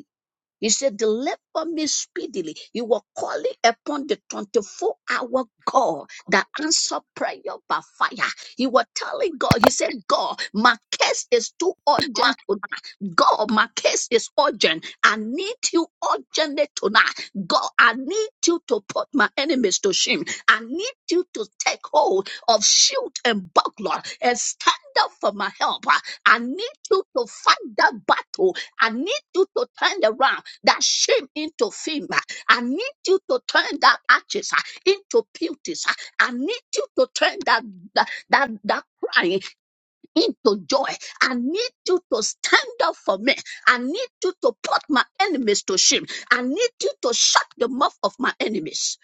A: He said, Deliver me speedily. You were calling upon the 24 hour God that answered prayer by fire. You were telling God, He said, God, my case is too urgent tonight. God, my case is urgent. I need you urgently tonight. God, I need you to put my enemies to shame. I need you to take hold of shield and buckler and stand up for my help. I need you to fight that battle. I need you to turn around that shame into fame. ah. I need you to turn that ashes ah, into beauties. ah. I need you to turn that that that, that crying into joy. I need you to stand up for me. I need you to put my enemies to shame. I need you to shut the mouth of my enemies.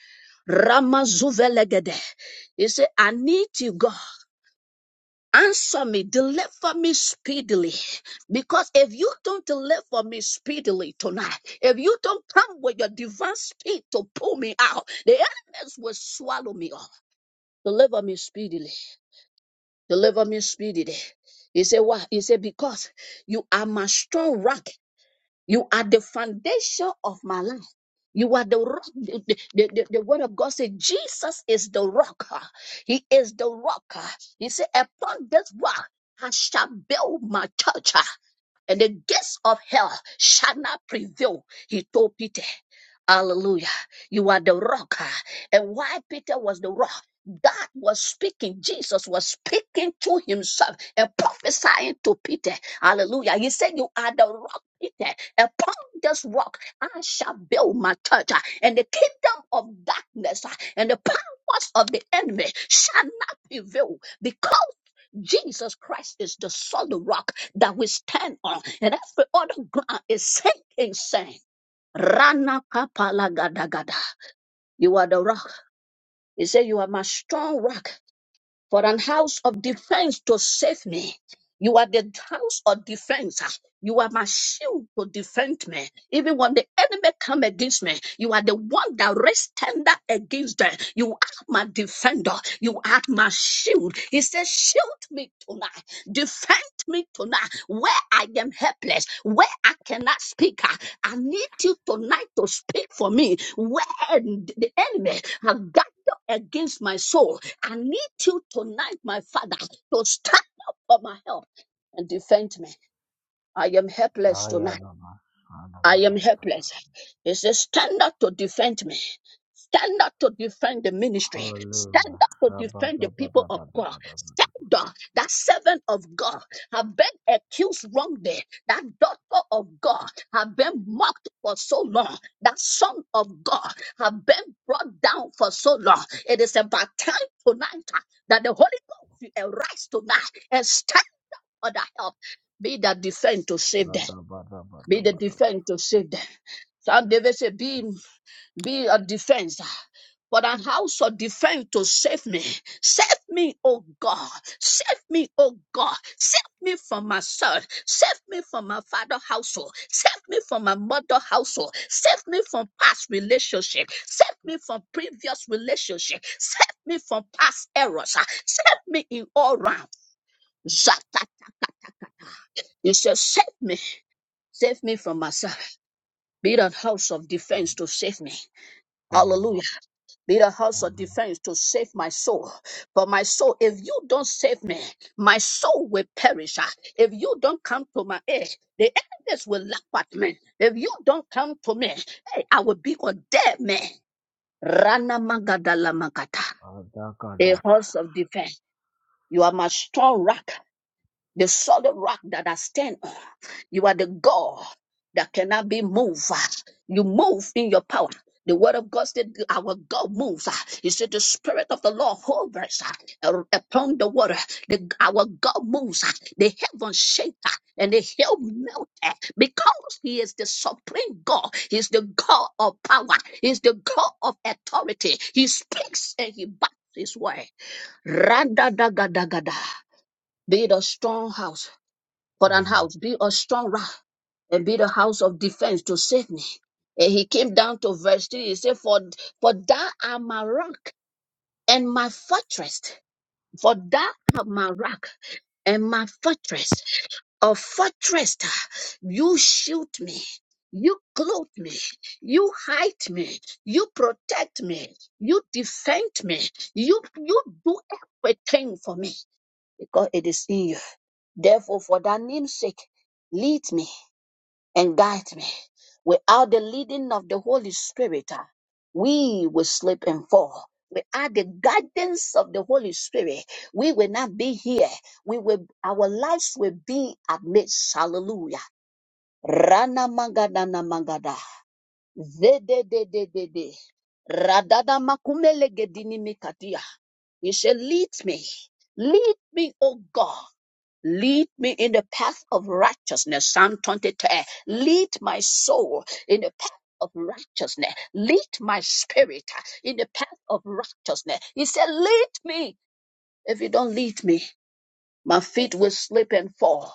A: Rama Zuvelegede. He said, I need you, God. Answer me, deliver me speedily. Because if you don't deliver me speedily tonight, if you don't come with your divine speed to pull me out, the enemies will swallow me up. Deliver me speedily. Deliver me speedily. He said, Why? He said, Because you are my strong rock you are the foundation of my life. You are the rock. The, the, the- the word of God says, Jesus is the rock. He is the rock. He said, Upon this rock I shall build my church and the gates of hell shall not prevail. He told Peter, Hallelujah, you are the rock. huh?" And why Peter was the rock? God was speaking, Jesus was speaking to himself and prophesying to Peter. Hallelujah. He said, You are the rock, Peter. Upon this rock I shall build my church, uh, and the kingdom of darkness uh, and the powers of the enemy shall not prevail because Jesus Christ is the solid rock that we stand on, and every other ground is sinking sand. Rana kapala gada gada. You are the rock. He said, You are my strong rock for an house of defense to save me. You are the house of defense. You are my shield to defend me. Even when the enemy come against me, you are the one that rests tender against them. You are my defender. You are my shield. He says, shield me tonight. Defend me tonight where I am helpless, where I cannot speak. I need you tonight to speak for me where the enemy has gathered against my soul. I need you tonight, my Father, to stand up for my help and defend me. I am helpless tonight. I am helpless. He says, Stand up to defend me. Stand up to defend the ministry. Stand up to defend the people of God. Stand up. That servant of God have been accused wrongly. That daughter of God have been mocked for so long. That son of God have been brought down for so long. It is about time tonight uh, that the Holy Ghost will arise tonight and stand for the help. Be that defend to save them. Be the defense to save them. Psalm David said, Be, be a defense. For an house of defense to save me. Save me, oh God. Save me, oh God. Save me from myself. Save me from my father household. Save me from my mother household. Save me from past relationship. Save me from previous relationship. Save me from past errors. Ah, Save me in all round. Zakata. He said, Save me. Save me from myself. Be the house of defense to save me.
B: Amen. Amen. Adakadabba. Mm.
A: Hallelujah. Be the house of
B: Amen.
A: defense to save my soul. But my soul, if you don't save me, my soul will perish. ah. If you don't come to my aid, the enemies will laugh at me. If you don't come to me, hey, I will be condemned. man. Rana magada la magata. A
B: Adakadabba-dabba.
A: house of defense. You are my strong rock the solid rock that I stand on. You are the God that cannot be moved. You move in your power. The word of God said, Our God moves. He said, The Spirit of the Lord hovers uh, upon the water. The, our God moves. The heavens shake uh, and the hell melt uh, because He is the supreme God. He's the God of power. He's the God of authority. He speaks and He backs His word. Randa da ga da ga da. Be the strong house for an house, be a strong rock and be the house of defense to save me. And he came down to verse 3. He said, For, for thou art my rock and my fortress. For thou art my rock and my fortress. A fortress, uh, you shield me. You clothe me, you hide me, you protect me, you defend me, you you do everything for me because it is in you. Therefore, for that name's sake, lead me and guide me. Without the leading of the Holy Spirit, ah, we will slip and fall. Without the guidance of the Holy Spirit, we will not be here. We will, our lives will be amidst. Hallelujah. Rana mangada na mangada. Zede de de de de. Radada makumele gedini mikadia. He said, lead me. Lead me, O God. Lead me in the path of righteousness. Psalm twenty-two. Lead my soul in the path of righteousness. Lead my spirit in the path of righteousness. He said, Lead me. If you don't lead me, my feet will slip and fall.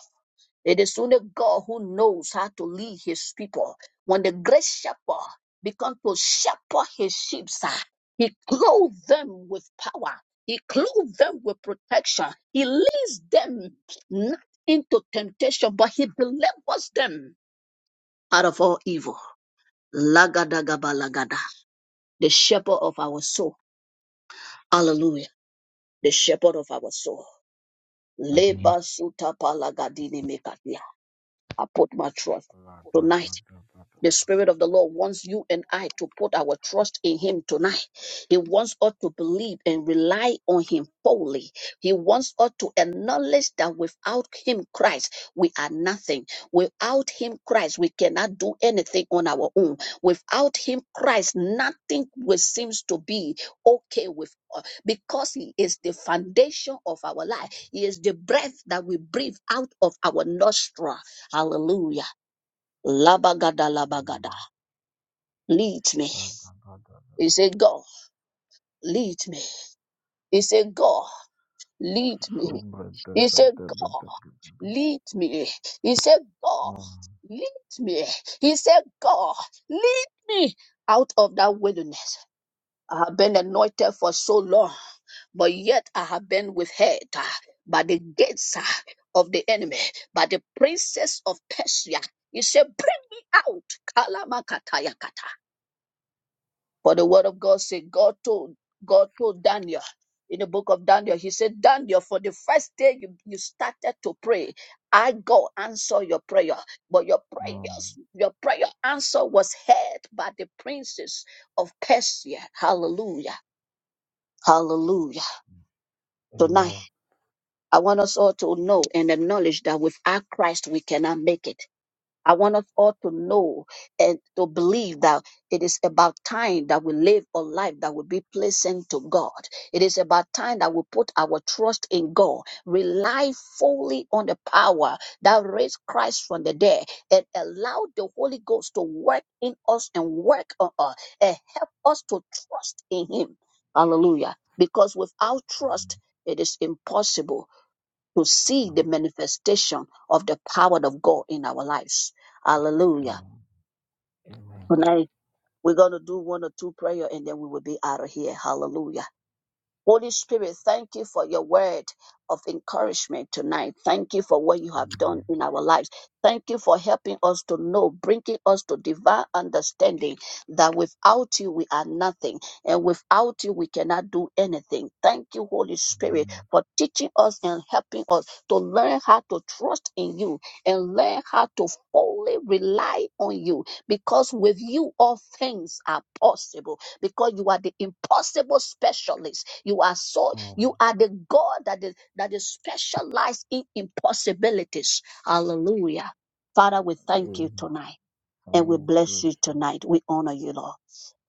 A: It is only God who knows how to lead his people. When the great shepherd began to shepherd his sheep, sir, he clothed them with power. He clothed them with protection. He leads them not into temptation, but he delivers them out of all evil. Lagadagabalagada, the shepherd of our soul. Hallelujah. The shepherd of our soul. Leba suta palagadini mekatia. I put my trust tonight. The
B: Shabba-dabba-dabba.
A: Spirit of the Lord wants you and I to put our trust in Him tonight. He wants us to believe and rely on Him fully. He wants us to acknowledge that without Him, Christ, we are nothing. Without Him, Christ, we cannot do anything on our own. Without Him, Christ, nothing will seems to be okay with us because He is the foundation of our life. He is the breath that we breathe out of our nostril. Hallelujah. Labagada labagada. Lead me. He said, God, lead me. He said, God, lead me.
B: Subba-dabba-dabba-dabba-dabba.
A: He said, God,
B: Mm.
A: lead me. He said, God,
B: Mm.
A: lead me. He said, God, lead me out of that wilderness. I have been anointed for so long, but yet I have been withheld uh, by the gates uh, of the enemy, by the princess of Persia. He said, Bring me out. Kalamakatayakata. For the word of God said, God told, God told Daniel in the book of Daniel, he said, Daniel, for the first day you, you started to pray, I go answer your prayer. But your prayers, your prayer answer was heard by the princes of Persia. Hallelujah. Hallelujah. Tonight,
B: Amen.
A: I want us all to know and acknowledge that without Christ, we cannot make it. I want us all to know and to believe that it is about time that we live a life that will be pleasing to God. It is about time that we put our trust in God, rely fully on the power that raised Christ from the dead, and allow the Holy Ghost to work in us and work on us and help us to trust in Him. Hallelujah. Because without
B: Mm.
A: trust, it is impossible to see the manifestation of the power of God in our lives. Hallelujah.
B: Mm. Amen.
A: Tonight, we're going to do one or two prayer and then we will be out of here. Hallelujah. Holy Spirit, thank you for your word of encouragement tonight. Thank you for what you have done in our lives. Thank you for helping us to know, bringing us to divine understanding that without you we are nothing and without you we cannot do anything. Thank you, Holy Spirit, for teaching us and helping us to learn how to trust in you and learn how to fully rely on you because with you all things are possible because you are the impossible specialist. You are so
B: Mm. Amen.
A: you are the God that is that is specialized in impossibilities. Hallelujah. Father, we thank you tonight and we
B: Thank
A: bless
B: you,
A: you tonight. We honor you, Lord.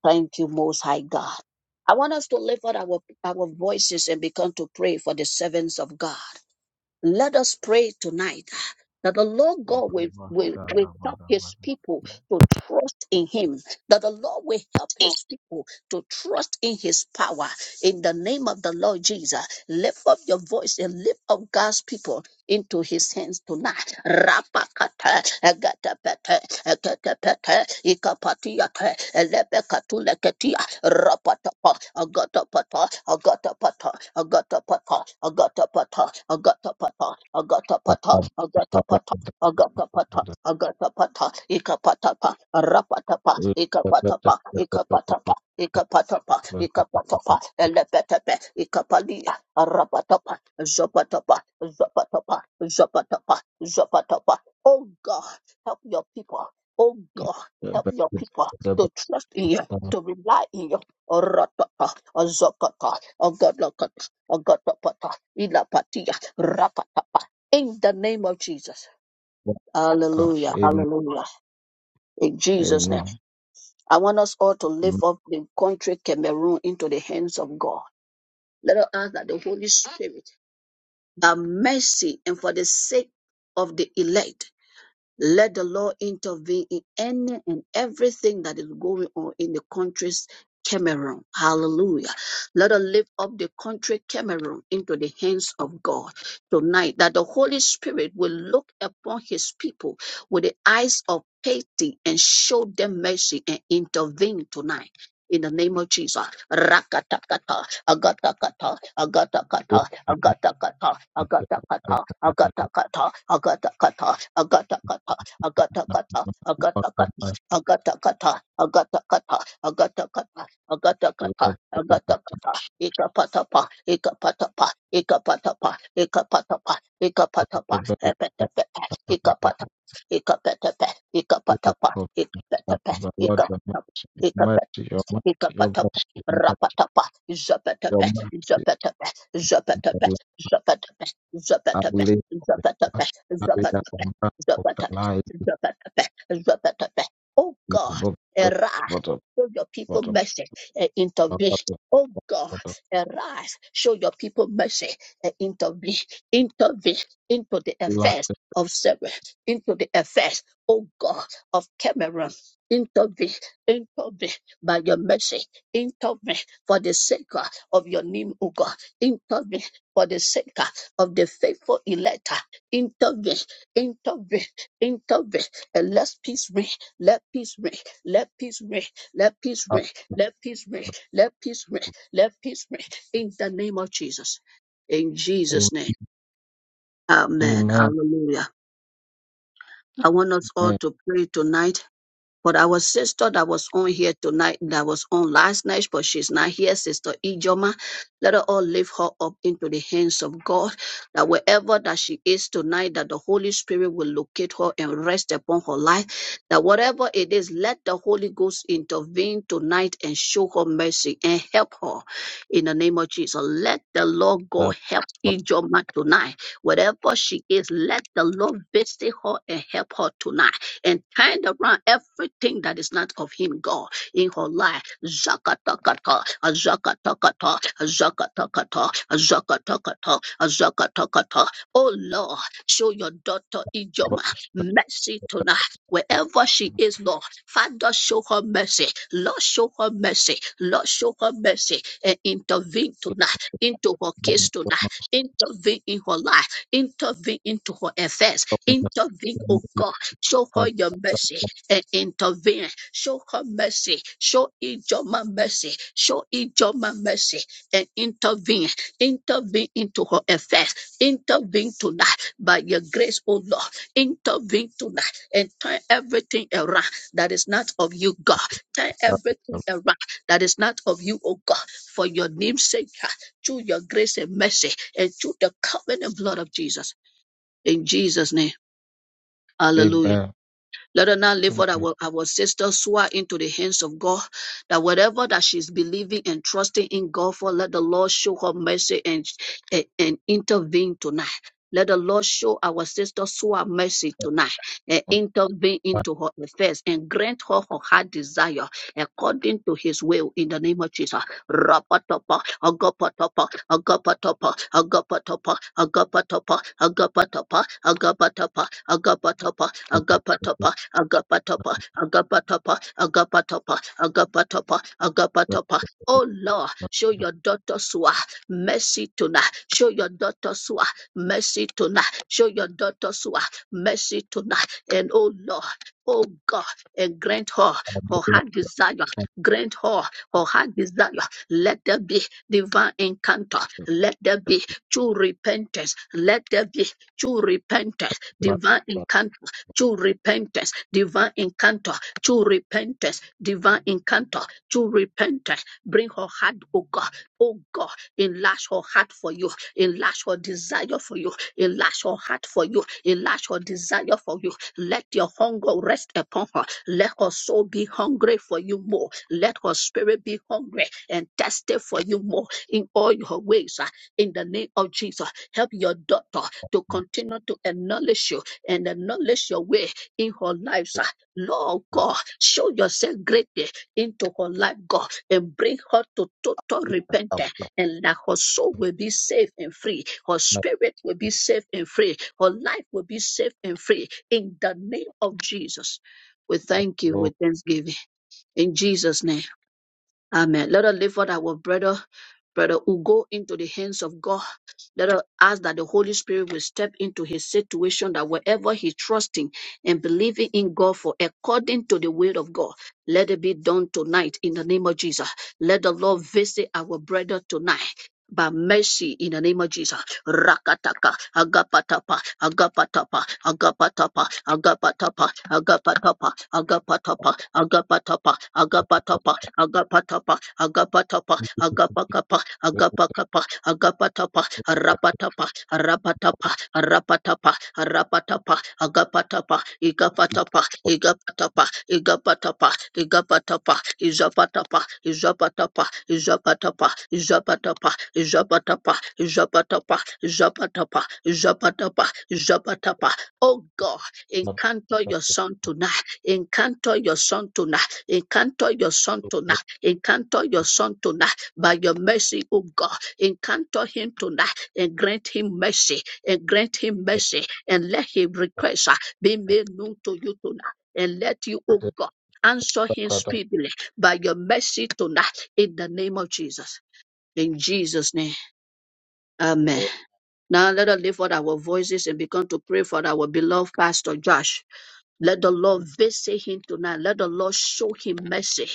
A: Thank you, most high God. I want us to lift up our, our voices and begin to pray for the servants of God. Let us pray tonight that the Lord God will, will, will help his people to trust in him, that the Lord will help his people to trust in his power. In the name of the Lord Jesus, lift up your voice and lift up God's people into his hands tonight. Rapakata, egatapete, egatapete, ikapatiate, elebekatuleketia, rapatapa, agatapata, agatapata, agatapata, agatapata, agatapata, agatapata, agatapata, agatapata, agatapata, ikapatapa, rapatapa, ikapatapa, ikapatapa, ikapatapa, ikapatapa, elebetepe, ikapalia, rapatapa, Zapatapa, Zapatapa, Zapatapa, Zapatapa. Oh God, help your people. Oh God, help your people to trust in you, to rely in you. Ratata, Zakata, Agadakata, Agatapata, Ilapatia, Rapatapa. In the name of Jesus.
B: Gosh,
A: Hallelujah,
B: amen,
A: hallelujah. In Jesus' name.
B: amen.
A: I want us all to lift up the country Cameroon into the hands of God. Let us ask that the Holy Spirit by mercy and for the sake of the elect let the Lord intervene in any and everything that is going on in the country's Cameroon. Hallelujah. Let us lift up the country Cameroon into the hands of God tonight, that the Holy Spirit will look upon his people with the eyes of pity and show them mercy and intervene tonight. In the name of Jesus. Rakatakata, agatakata, agatakata, agatakata, agatakata, agatakata, agatakata, Agatakata, agatakata, agatakata, agatakata, agatakata, agatakata, agatakata, agatakata, ikapatapa, ikapatapa, ikapatapa, ikapatapa, ikapatapa, epetepete, ikapatapa, ikapetepe, ikapatapa, ikapetepe,
B: Lord, your
A: ikapatapa,
B: mercy, your mercy, your
A: Itapatapa,
B: mercy,
A: rapatapa,
B: your
A: zapatepe,
B: mercy, your
A: zapatepe,
B: mercy.
A: zapatepe, zapatepe, zapatepe,
B: I
A: zapatepe,
B: believe passionately
A: zapatepe,
B: that the mother of the
A: zapatepe,
B: lies but
A: zapatepe, zapatepe. Oh God,
B: but
A: arise,
B: but but
A: show your people mercy and
B: but
A: intervene.
B: but
A: Oh God,
B: but
A: arise, show your people mercy and intervene, intervene into the
B: but
A: affairs
B: like
A: of Sarah, into the affairs, oh God, of Cameroon. Intervene, intervene by your mercy into me for the sake uh, of your name, O God. Into me for the sake uh, of the faithful elect. Into me, into me, into me. And let peace reign. Let peace reign. Let peace reign. Let peace reign. Let peace reign. Let peace reign. Let peace reign. In the name of Jesus. In
B: amen
A: Jesus' name. Amen.
B: amen
A: Hallelujah. I want us all
B: amen
A: to pray tonight but our sister that was on here tonight, that was on last night, but she's not here, Sister Ijoma. Let her all lift her up into the hands of God. That wherever that she is tonight, that the Holy Spirit will locate her and rest upon her life. That whatever it is, let the Holy Ghost intervene tonight and show her mercy and help her in the name of Jesus. Let the Lord
B: Uh,
A: God help
B: but-
A: Ijoma tonight. Wherever she is, let the Lord visit her and help her tonight and turned around everything that is not of him, God, in her life. Zakatakata, azakatakata, azakatakata, azakatakata, azakatakata. Oh Lord, show your daughter
B: but-
A: Ijoma mercy
B: but- but-
A: tonight. Wherever she is, Lord, Father, show her mercy. Lord, show her mercy. Lord, show her mercy and intervene tonight into her
B: but- but-
A: case tonight. Intervene in her life. Intervene into her affairs.
B: but- but-
A: Intervene, oh God Show her
B: but-
A: your mercy and intervene. Show her mercy. Show each Ijoma mercy. Show each Ijoma mercy and intervene. Intervene into her affairs. Intervene tonight by your grace, O Lord. Intervene tonight and turn everything around that is not of you, God. Turn
B: but- but-
A: everything
B: but-
A: around that is not of you, O God. For your name's sake, God, through your grace and mercy and through the covenant blood of Jesus. In Jesus' name, hallelujah.
B: amen
A: Let her now lift what
B: Amen.
A: our, our sister Sua into the hands of God. That whatever that she's believing and trusting in God for, let the Lord show her mercy and, and, and intervene tonight. Let the Lord show our sister Sua mercy tonight and intervene
B: But-
A: into her affairs and grant her her heart desire according to his will in the name of Jesus rapatapa, agapatapa, agapatapa, agapatapa, agapatapa, agapatapa, agapatapa, agapatapa,
B: but- but- but-
A: agapatapa, agapatapa, agapatapa, agapatapa, agapatapa, agapatapa. Oh Lord,
B: but-
A: show your daughter Sua mercy tonight. Show your daughter Sua mercy tonight. Show your daughter Sua mercy tonight. And oh Lord, oh God, and grant her
B: I do
A: her
B: not think
A: heart desire.
B: that
A: Grant her her heart desire. Let there be divine encounter. Let there be true repentance. Let there be true repentance.
B: the mother of
A: Divine
B: the
A: encounter. True repentance. Divine encounter. True repentance. Divine encounter. True repentance. Bring her heart, oh God. Oh God, enlarge her heart for you. Enlarge her desire for you. Enlarge her heart for you. Enlarge her desire for you. Let your hunger rest upon her. Let her soul be hungry for you more. Let her spirit be hungry and tested for you more in all your ways. ah, In the name of Jesus, help your daughter to
B: lies
A: continue to acknowledge you and acknowledge your way in her life. ah. Lord
B: will not
A: God, show yourself greatly into her life, God, and bring her to total
B: be able to do that, but-
A: repentance,
B: but- but- but- but-
A: and that her soul will be safe and free, her spirit will be safe and free, her life will be safe and free. In the name of Jesus, we thank you with thanksgiving. In Jesus' name. Amen. Let us lift up our brother, brother who go into the hands of God. Let us ask that the Holy Spirit will step into his situation, that wherever he's trusting and believing in God for according to the will of God, let it be done tonight in the name of Jesus. Let the Lord visit our brother tonight. By mercy in the name of Jesus. Rakataka, agapatapa, agapatapa, agapatapa, agapatapa, agapatapa, agapatapa, agapatapa, agapatapa, agapatapa, agapatapa, agapakapa, agapakapa, agapatapa, arapatapa, arapatapa, arapatapa, arapatapa, agapatapa, igapatapa, igapatapa, igapatapa, igapatapa, izapatapa, izapatapa, izapatapa, izapatapa, izapatapa, izapatapa, izapatapa, izapatapa, izapatapa. Oh God, encounter
B: but- but- but-
A: your son tonight. Encounter your son tonight. Encounter your son tonight.
B: but-
A: Encounter your son tonight. By your mercy, oh God, encounter him tonight and grant him mercy and grant him mercy and let his request uh, be made known to you tonight. And let you, oh God, answer him speedily by your mercy tonight in the name of Jesus. In Jesus' name, amen.
B: but-
A: Now let us lift up our voices and begin to pray for our beloved Pastor Josh. Let the Lord visit him tonight. Let the Lord show him mercy.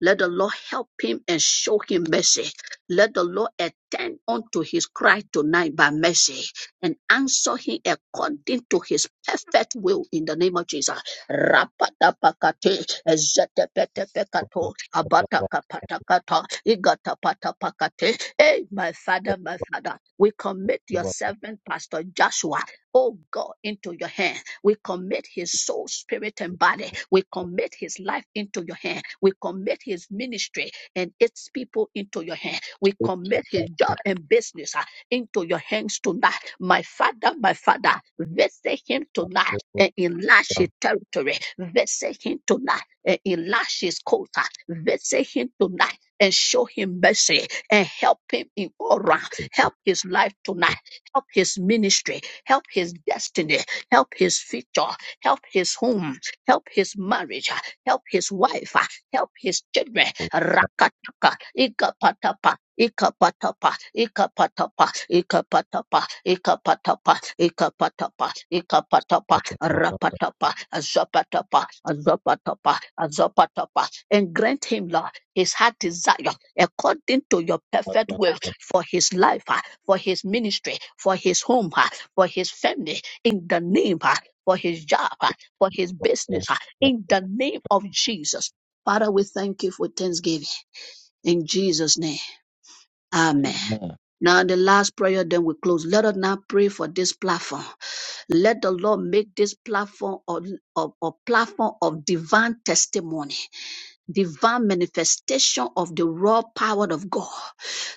A: Let the Lord help him and show him mercy. Let the Lord attend unto his cry tonight by mercy and answer him according to his perfect will in the name of Jesus. Rapatapakate, ezetepetepekato, abatakapatakata, igatapatapakate. Hey, my father, my father, we commit your
B: but-
A: servant, Pastor Joshua oh God, into your hand. We commit his soul, spirit, and body. We commit his life into your hand. We commit his ministry and its people into your hand.
B: but- but-
A: We
B: but-
A: commit his job and business ah, into your hands tonight. My father, my father, visit him tonight and enlarge his territory. Visit him tonight and enlarge his quota. Visit him tonight and show him mercy and help him in all round. Help his life
B: but-
A: tonight. Help his ministry help his destiny, help his future, help his home, help his marriage, help his wife, help his children. Rakataka, ikapatapa. Ikapatapa, ikapatapa, ikapatapa, ikapatapa, ikapatapa, ikapatapa,
B: but-
A: rapatapa, azapatapa, azapatapa, azapatapa, and grant him, Lord, his heart desire according to your
B: but-
A: perfect
B: but-
A: will
B: but-
A: for his life for his ministry, for his home, ah, for his family, in the name, ah, for his job, ah, for his business, ah, in the name of Jesus. Father, we thank you for thanksgiving. In Jesus' name, amen. Now, the last prayer, then we close. Let us now pray for this platform. Let the Lord make this platform a, a, a platform of divine testimony divine manifestation of the raw power of God.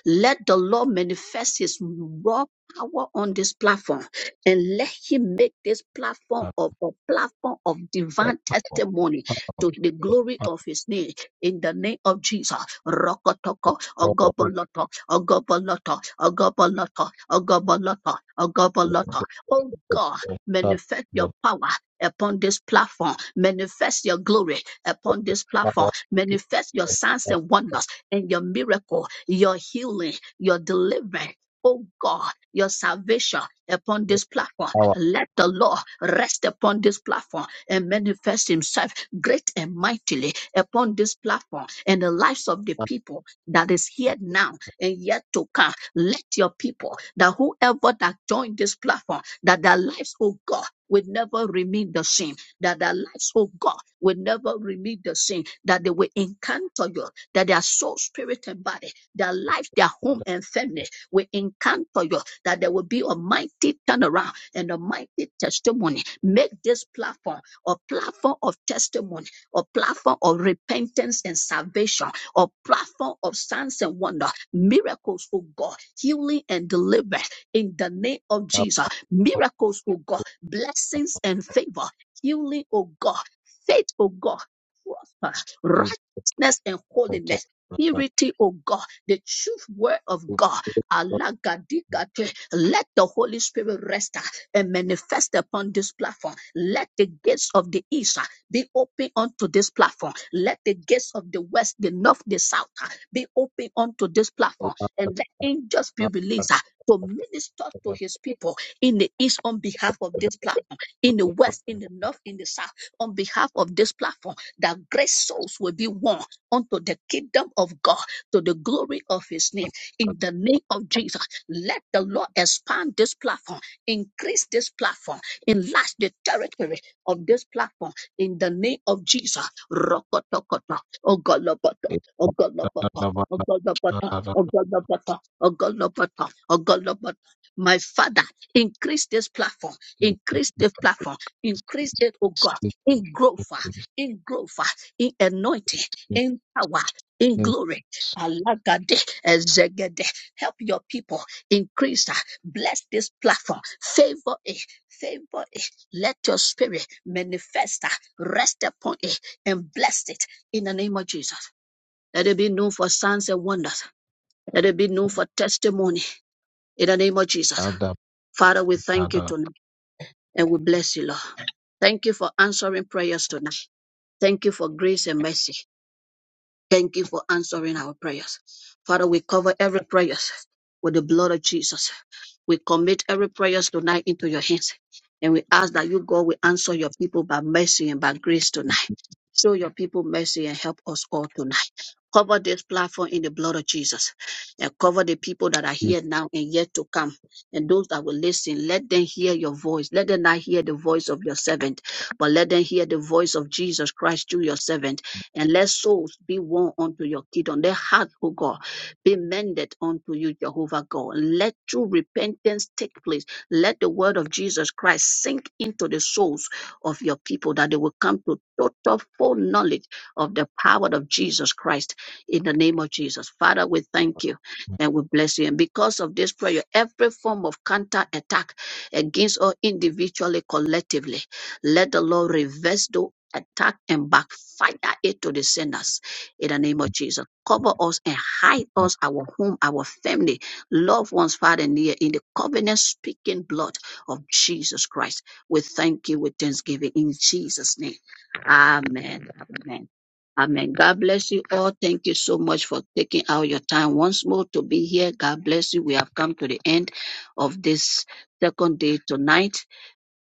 A: Let the Lord manifest his raw power on this platform and let him make this platform of a platform of divine testimony to the glory of his name in the name of Jesus. Rokotoko, ogoboloto, ogoboloto, ogoboloto, ogoboloto, ogoboloto. Oh God, manifest your power upon this platform. Manifest your glory upon this platform. Manifest your signs and wonders and your miracle, your healing, your deliverance. Oh God, your salvation upon this platform. Let the Lord rest upon this platform and manifest Himself great and mightily upon this platform and the lives of the people that is here now and yet to come. Let your people, that whoever that joined this platform, that their lives, oh God, will never remain the same, that their lives, oh God, will never remain the same, that they will encounter you, that their soul, spirit, and body, their life, their home, and family will encounter you, that there will be a mighty turnaround and a mighty testimony. Make this platform a platform of testimony, a platform of repentance and salvation, a platform of signs and wonder, miracles, oh God, healing and deliverance in the name of Jesus miracles, oh God, blessings and favor, healing, oh God, faith, oh God, prosper, righteousness and holiness. Purity, oh God, the truth word of God. Alagadikate. Let the Holy Spirit rest uh, and manifest upon this platform. Let the gates of the east uh, be open unto this platform. Let the gates of the west, the north, the south uh, be open unto this platform. And let angels be released uh, to minister to his people in the east on behalf of this platform, in the west, in the north, in the south, on behalf of this platform, that great souls will be won unto the kingdom of God, to the glory of his name. In the name of Jesus, let the Lord expand this platform, increase this platform, enlarge the territory of this platform. In the name of Jesus, Rokotokoto, Ogoloboto, Ogoloboto, Ogoloboto, Ogoloboto, Ogoloboto, Ogoloboto. My Father, Increase this platform. Increase this platform. Increase it, oh God, in growth, ah, in growth, ah, in anointing, in power, in glory. Alagade, ezegede. Help your people increase. ah. Bless this platform. Favor it. Favor it. Let your spirit manifest. ah. Rest upon it and bless it in the name of Jesus. Let it be known for signs and wonders. Let it be known for testimony in the name of Jesus. Father, we thank you tonight. And we bless you, Lord. Thank you for answering prayers tonight. Thank you for grace and mercy. Thank you for answering our prayers. Father, we cover every prayers with the blood of Jesus. We commit every prayers tonight into your hands. And we ask that you, God, will answer your people by mercy and by grace tonight. Show your people mercy and help us all tonight. Cover this platform in the blood of Jesus and cover the people that are here now and yet to come. And those that will listen, let them hear your voice. Let them not hear the voice of your servant, but let them hear the voice of Jesus Christ through your servant and let souls be won unto your kingdom. Let heart, O God, be mended unto you, Jehovah God. Let true repentance take place. Let the word of Jesus Christ sink into the souls of your people that they will come to total full knowledge of the power of Jesus Christ in the name of Jesus. Father, we thank you and we bless you. And because of this prayer, every form of counter attack against us individually, collectively, let the Lord reverse those attack and backfire it to the sinners in the name of Jesus. Cover us and hide us, our home, our family, loved ones, far and near, in the covenant speaking blood of Jesus Christ. We thank you with thanksgiving in Jesus' name. Amen. Amen. Amen. God bless you all. Thank you so much for taking out your time once more to be here. God bless you. We have come to the end of this second day tonight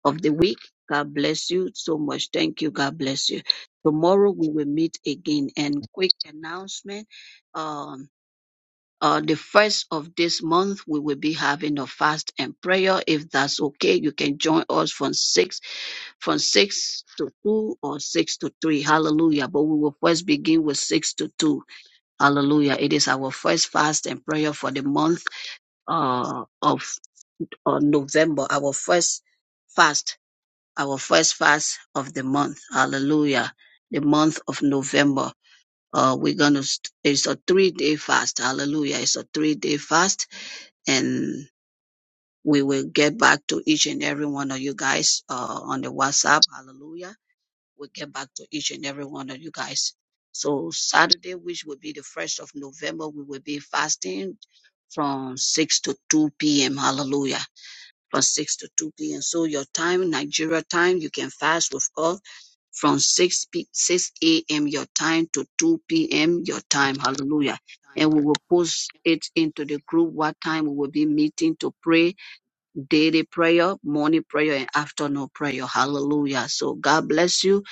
A: of the week. God bless you so much. Thank you. God bless you. Tomorrow we will meet again. And quick announcement. Um, uh, the first of this month, we will be having a fast and prayer. If that's okay, you can join us from six, from six to two or six to three. Hallelujah. But we will first begin with six to two. Hallelujah. It is our first fast and prayer for the month, uh, of, uh, November. Our first fast our first fast of the month. Hallelujah. The month of November. Uh, we're going to, it's a three day fast. Hallelujah. It's a three day fast. And we will get back to each and every one of you guys uh, on the WhatsApp. Hallelujah. We'll get back to each and every one of you guys. So Saturday, which will be the first of November, we will be fasting from 6 to 2 p.m. Hallelujah. From 6 to 2 p.m. So your time, Nigeria time, you can fast with us from 6 p 6 a.m. your time to 2 p.m. your time. Hallelujah. And we will post it into the group what time we will be meeting to pray daily prayer, morning prayer, and afternoon prayer. Hallelujah. So God bless you.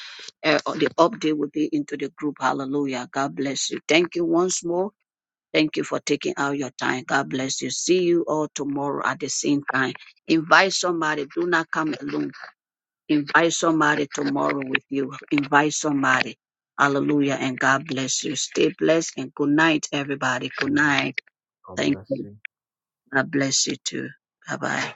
A: Uh, uh, the update will be into the group. Hallelujah. God bless you. Thank you once more. Thank you for taking out your time. God bless you. See you all tomorrow at the same time. Invite somebody. Do not come alone. Invite somebody tomorrow with you. Invite somebody. Hallelujah. And God bless you. Stay blessed and good night, everybody. Good night.
B: God
A: Thank
B: bless
A: you.
B: you.
A: God bless you too. Bye bye.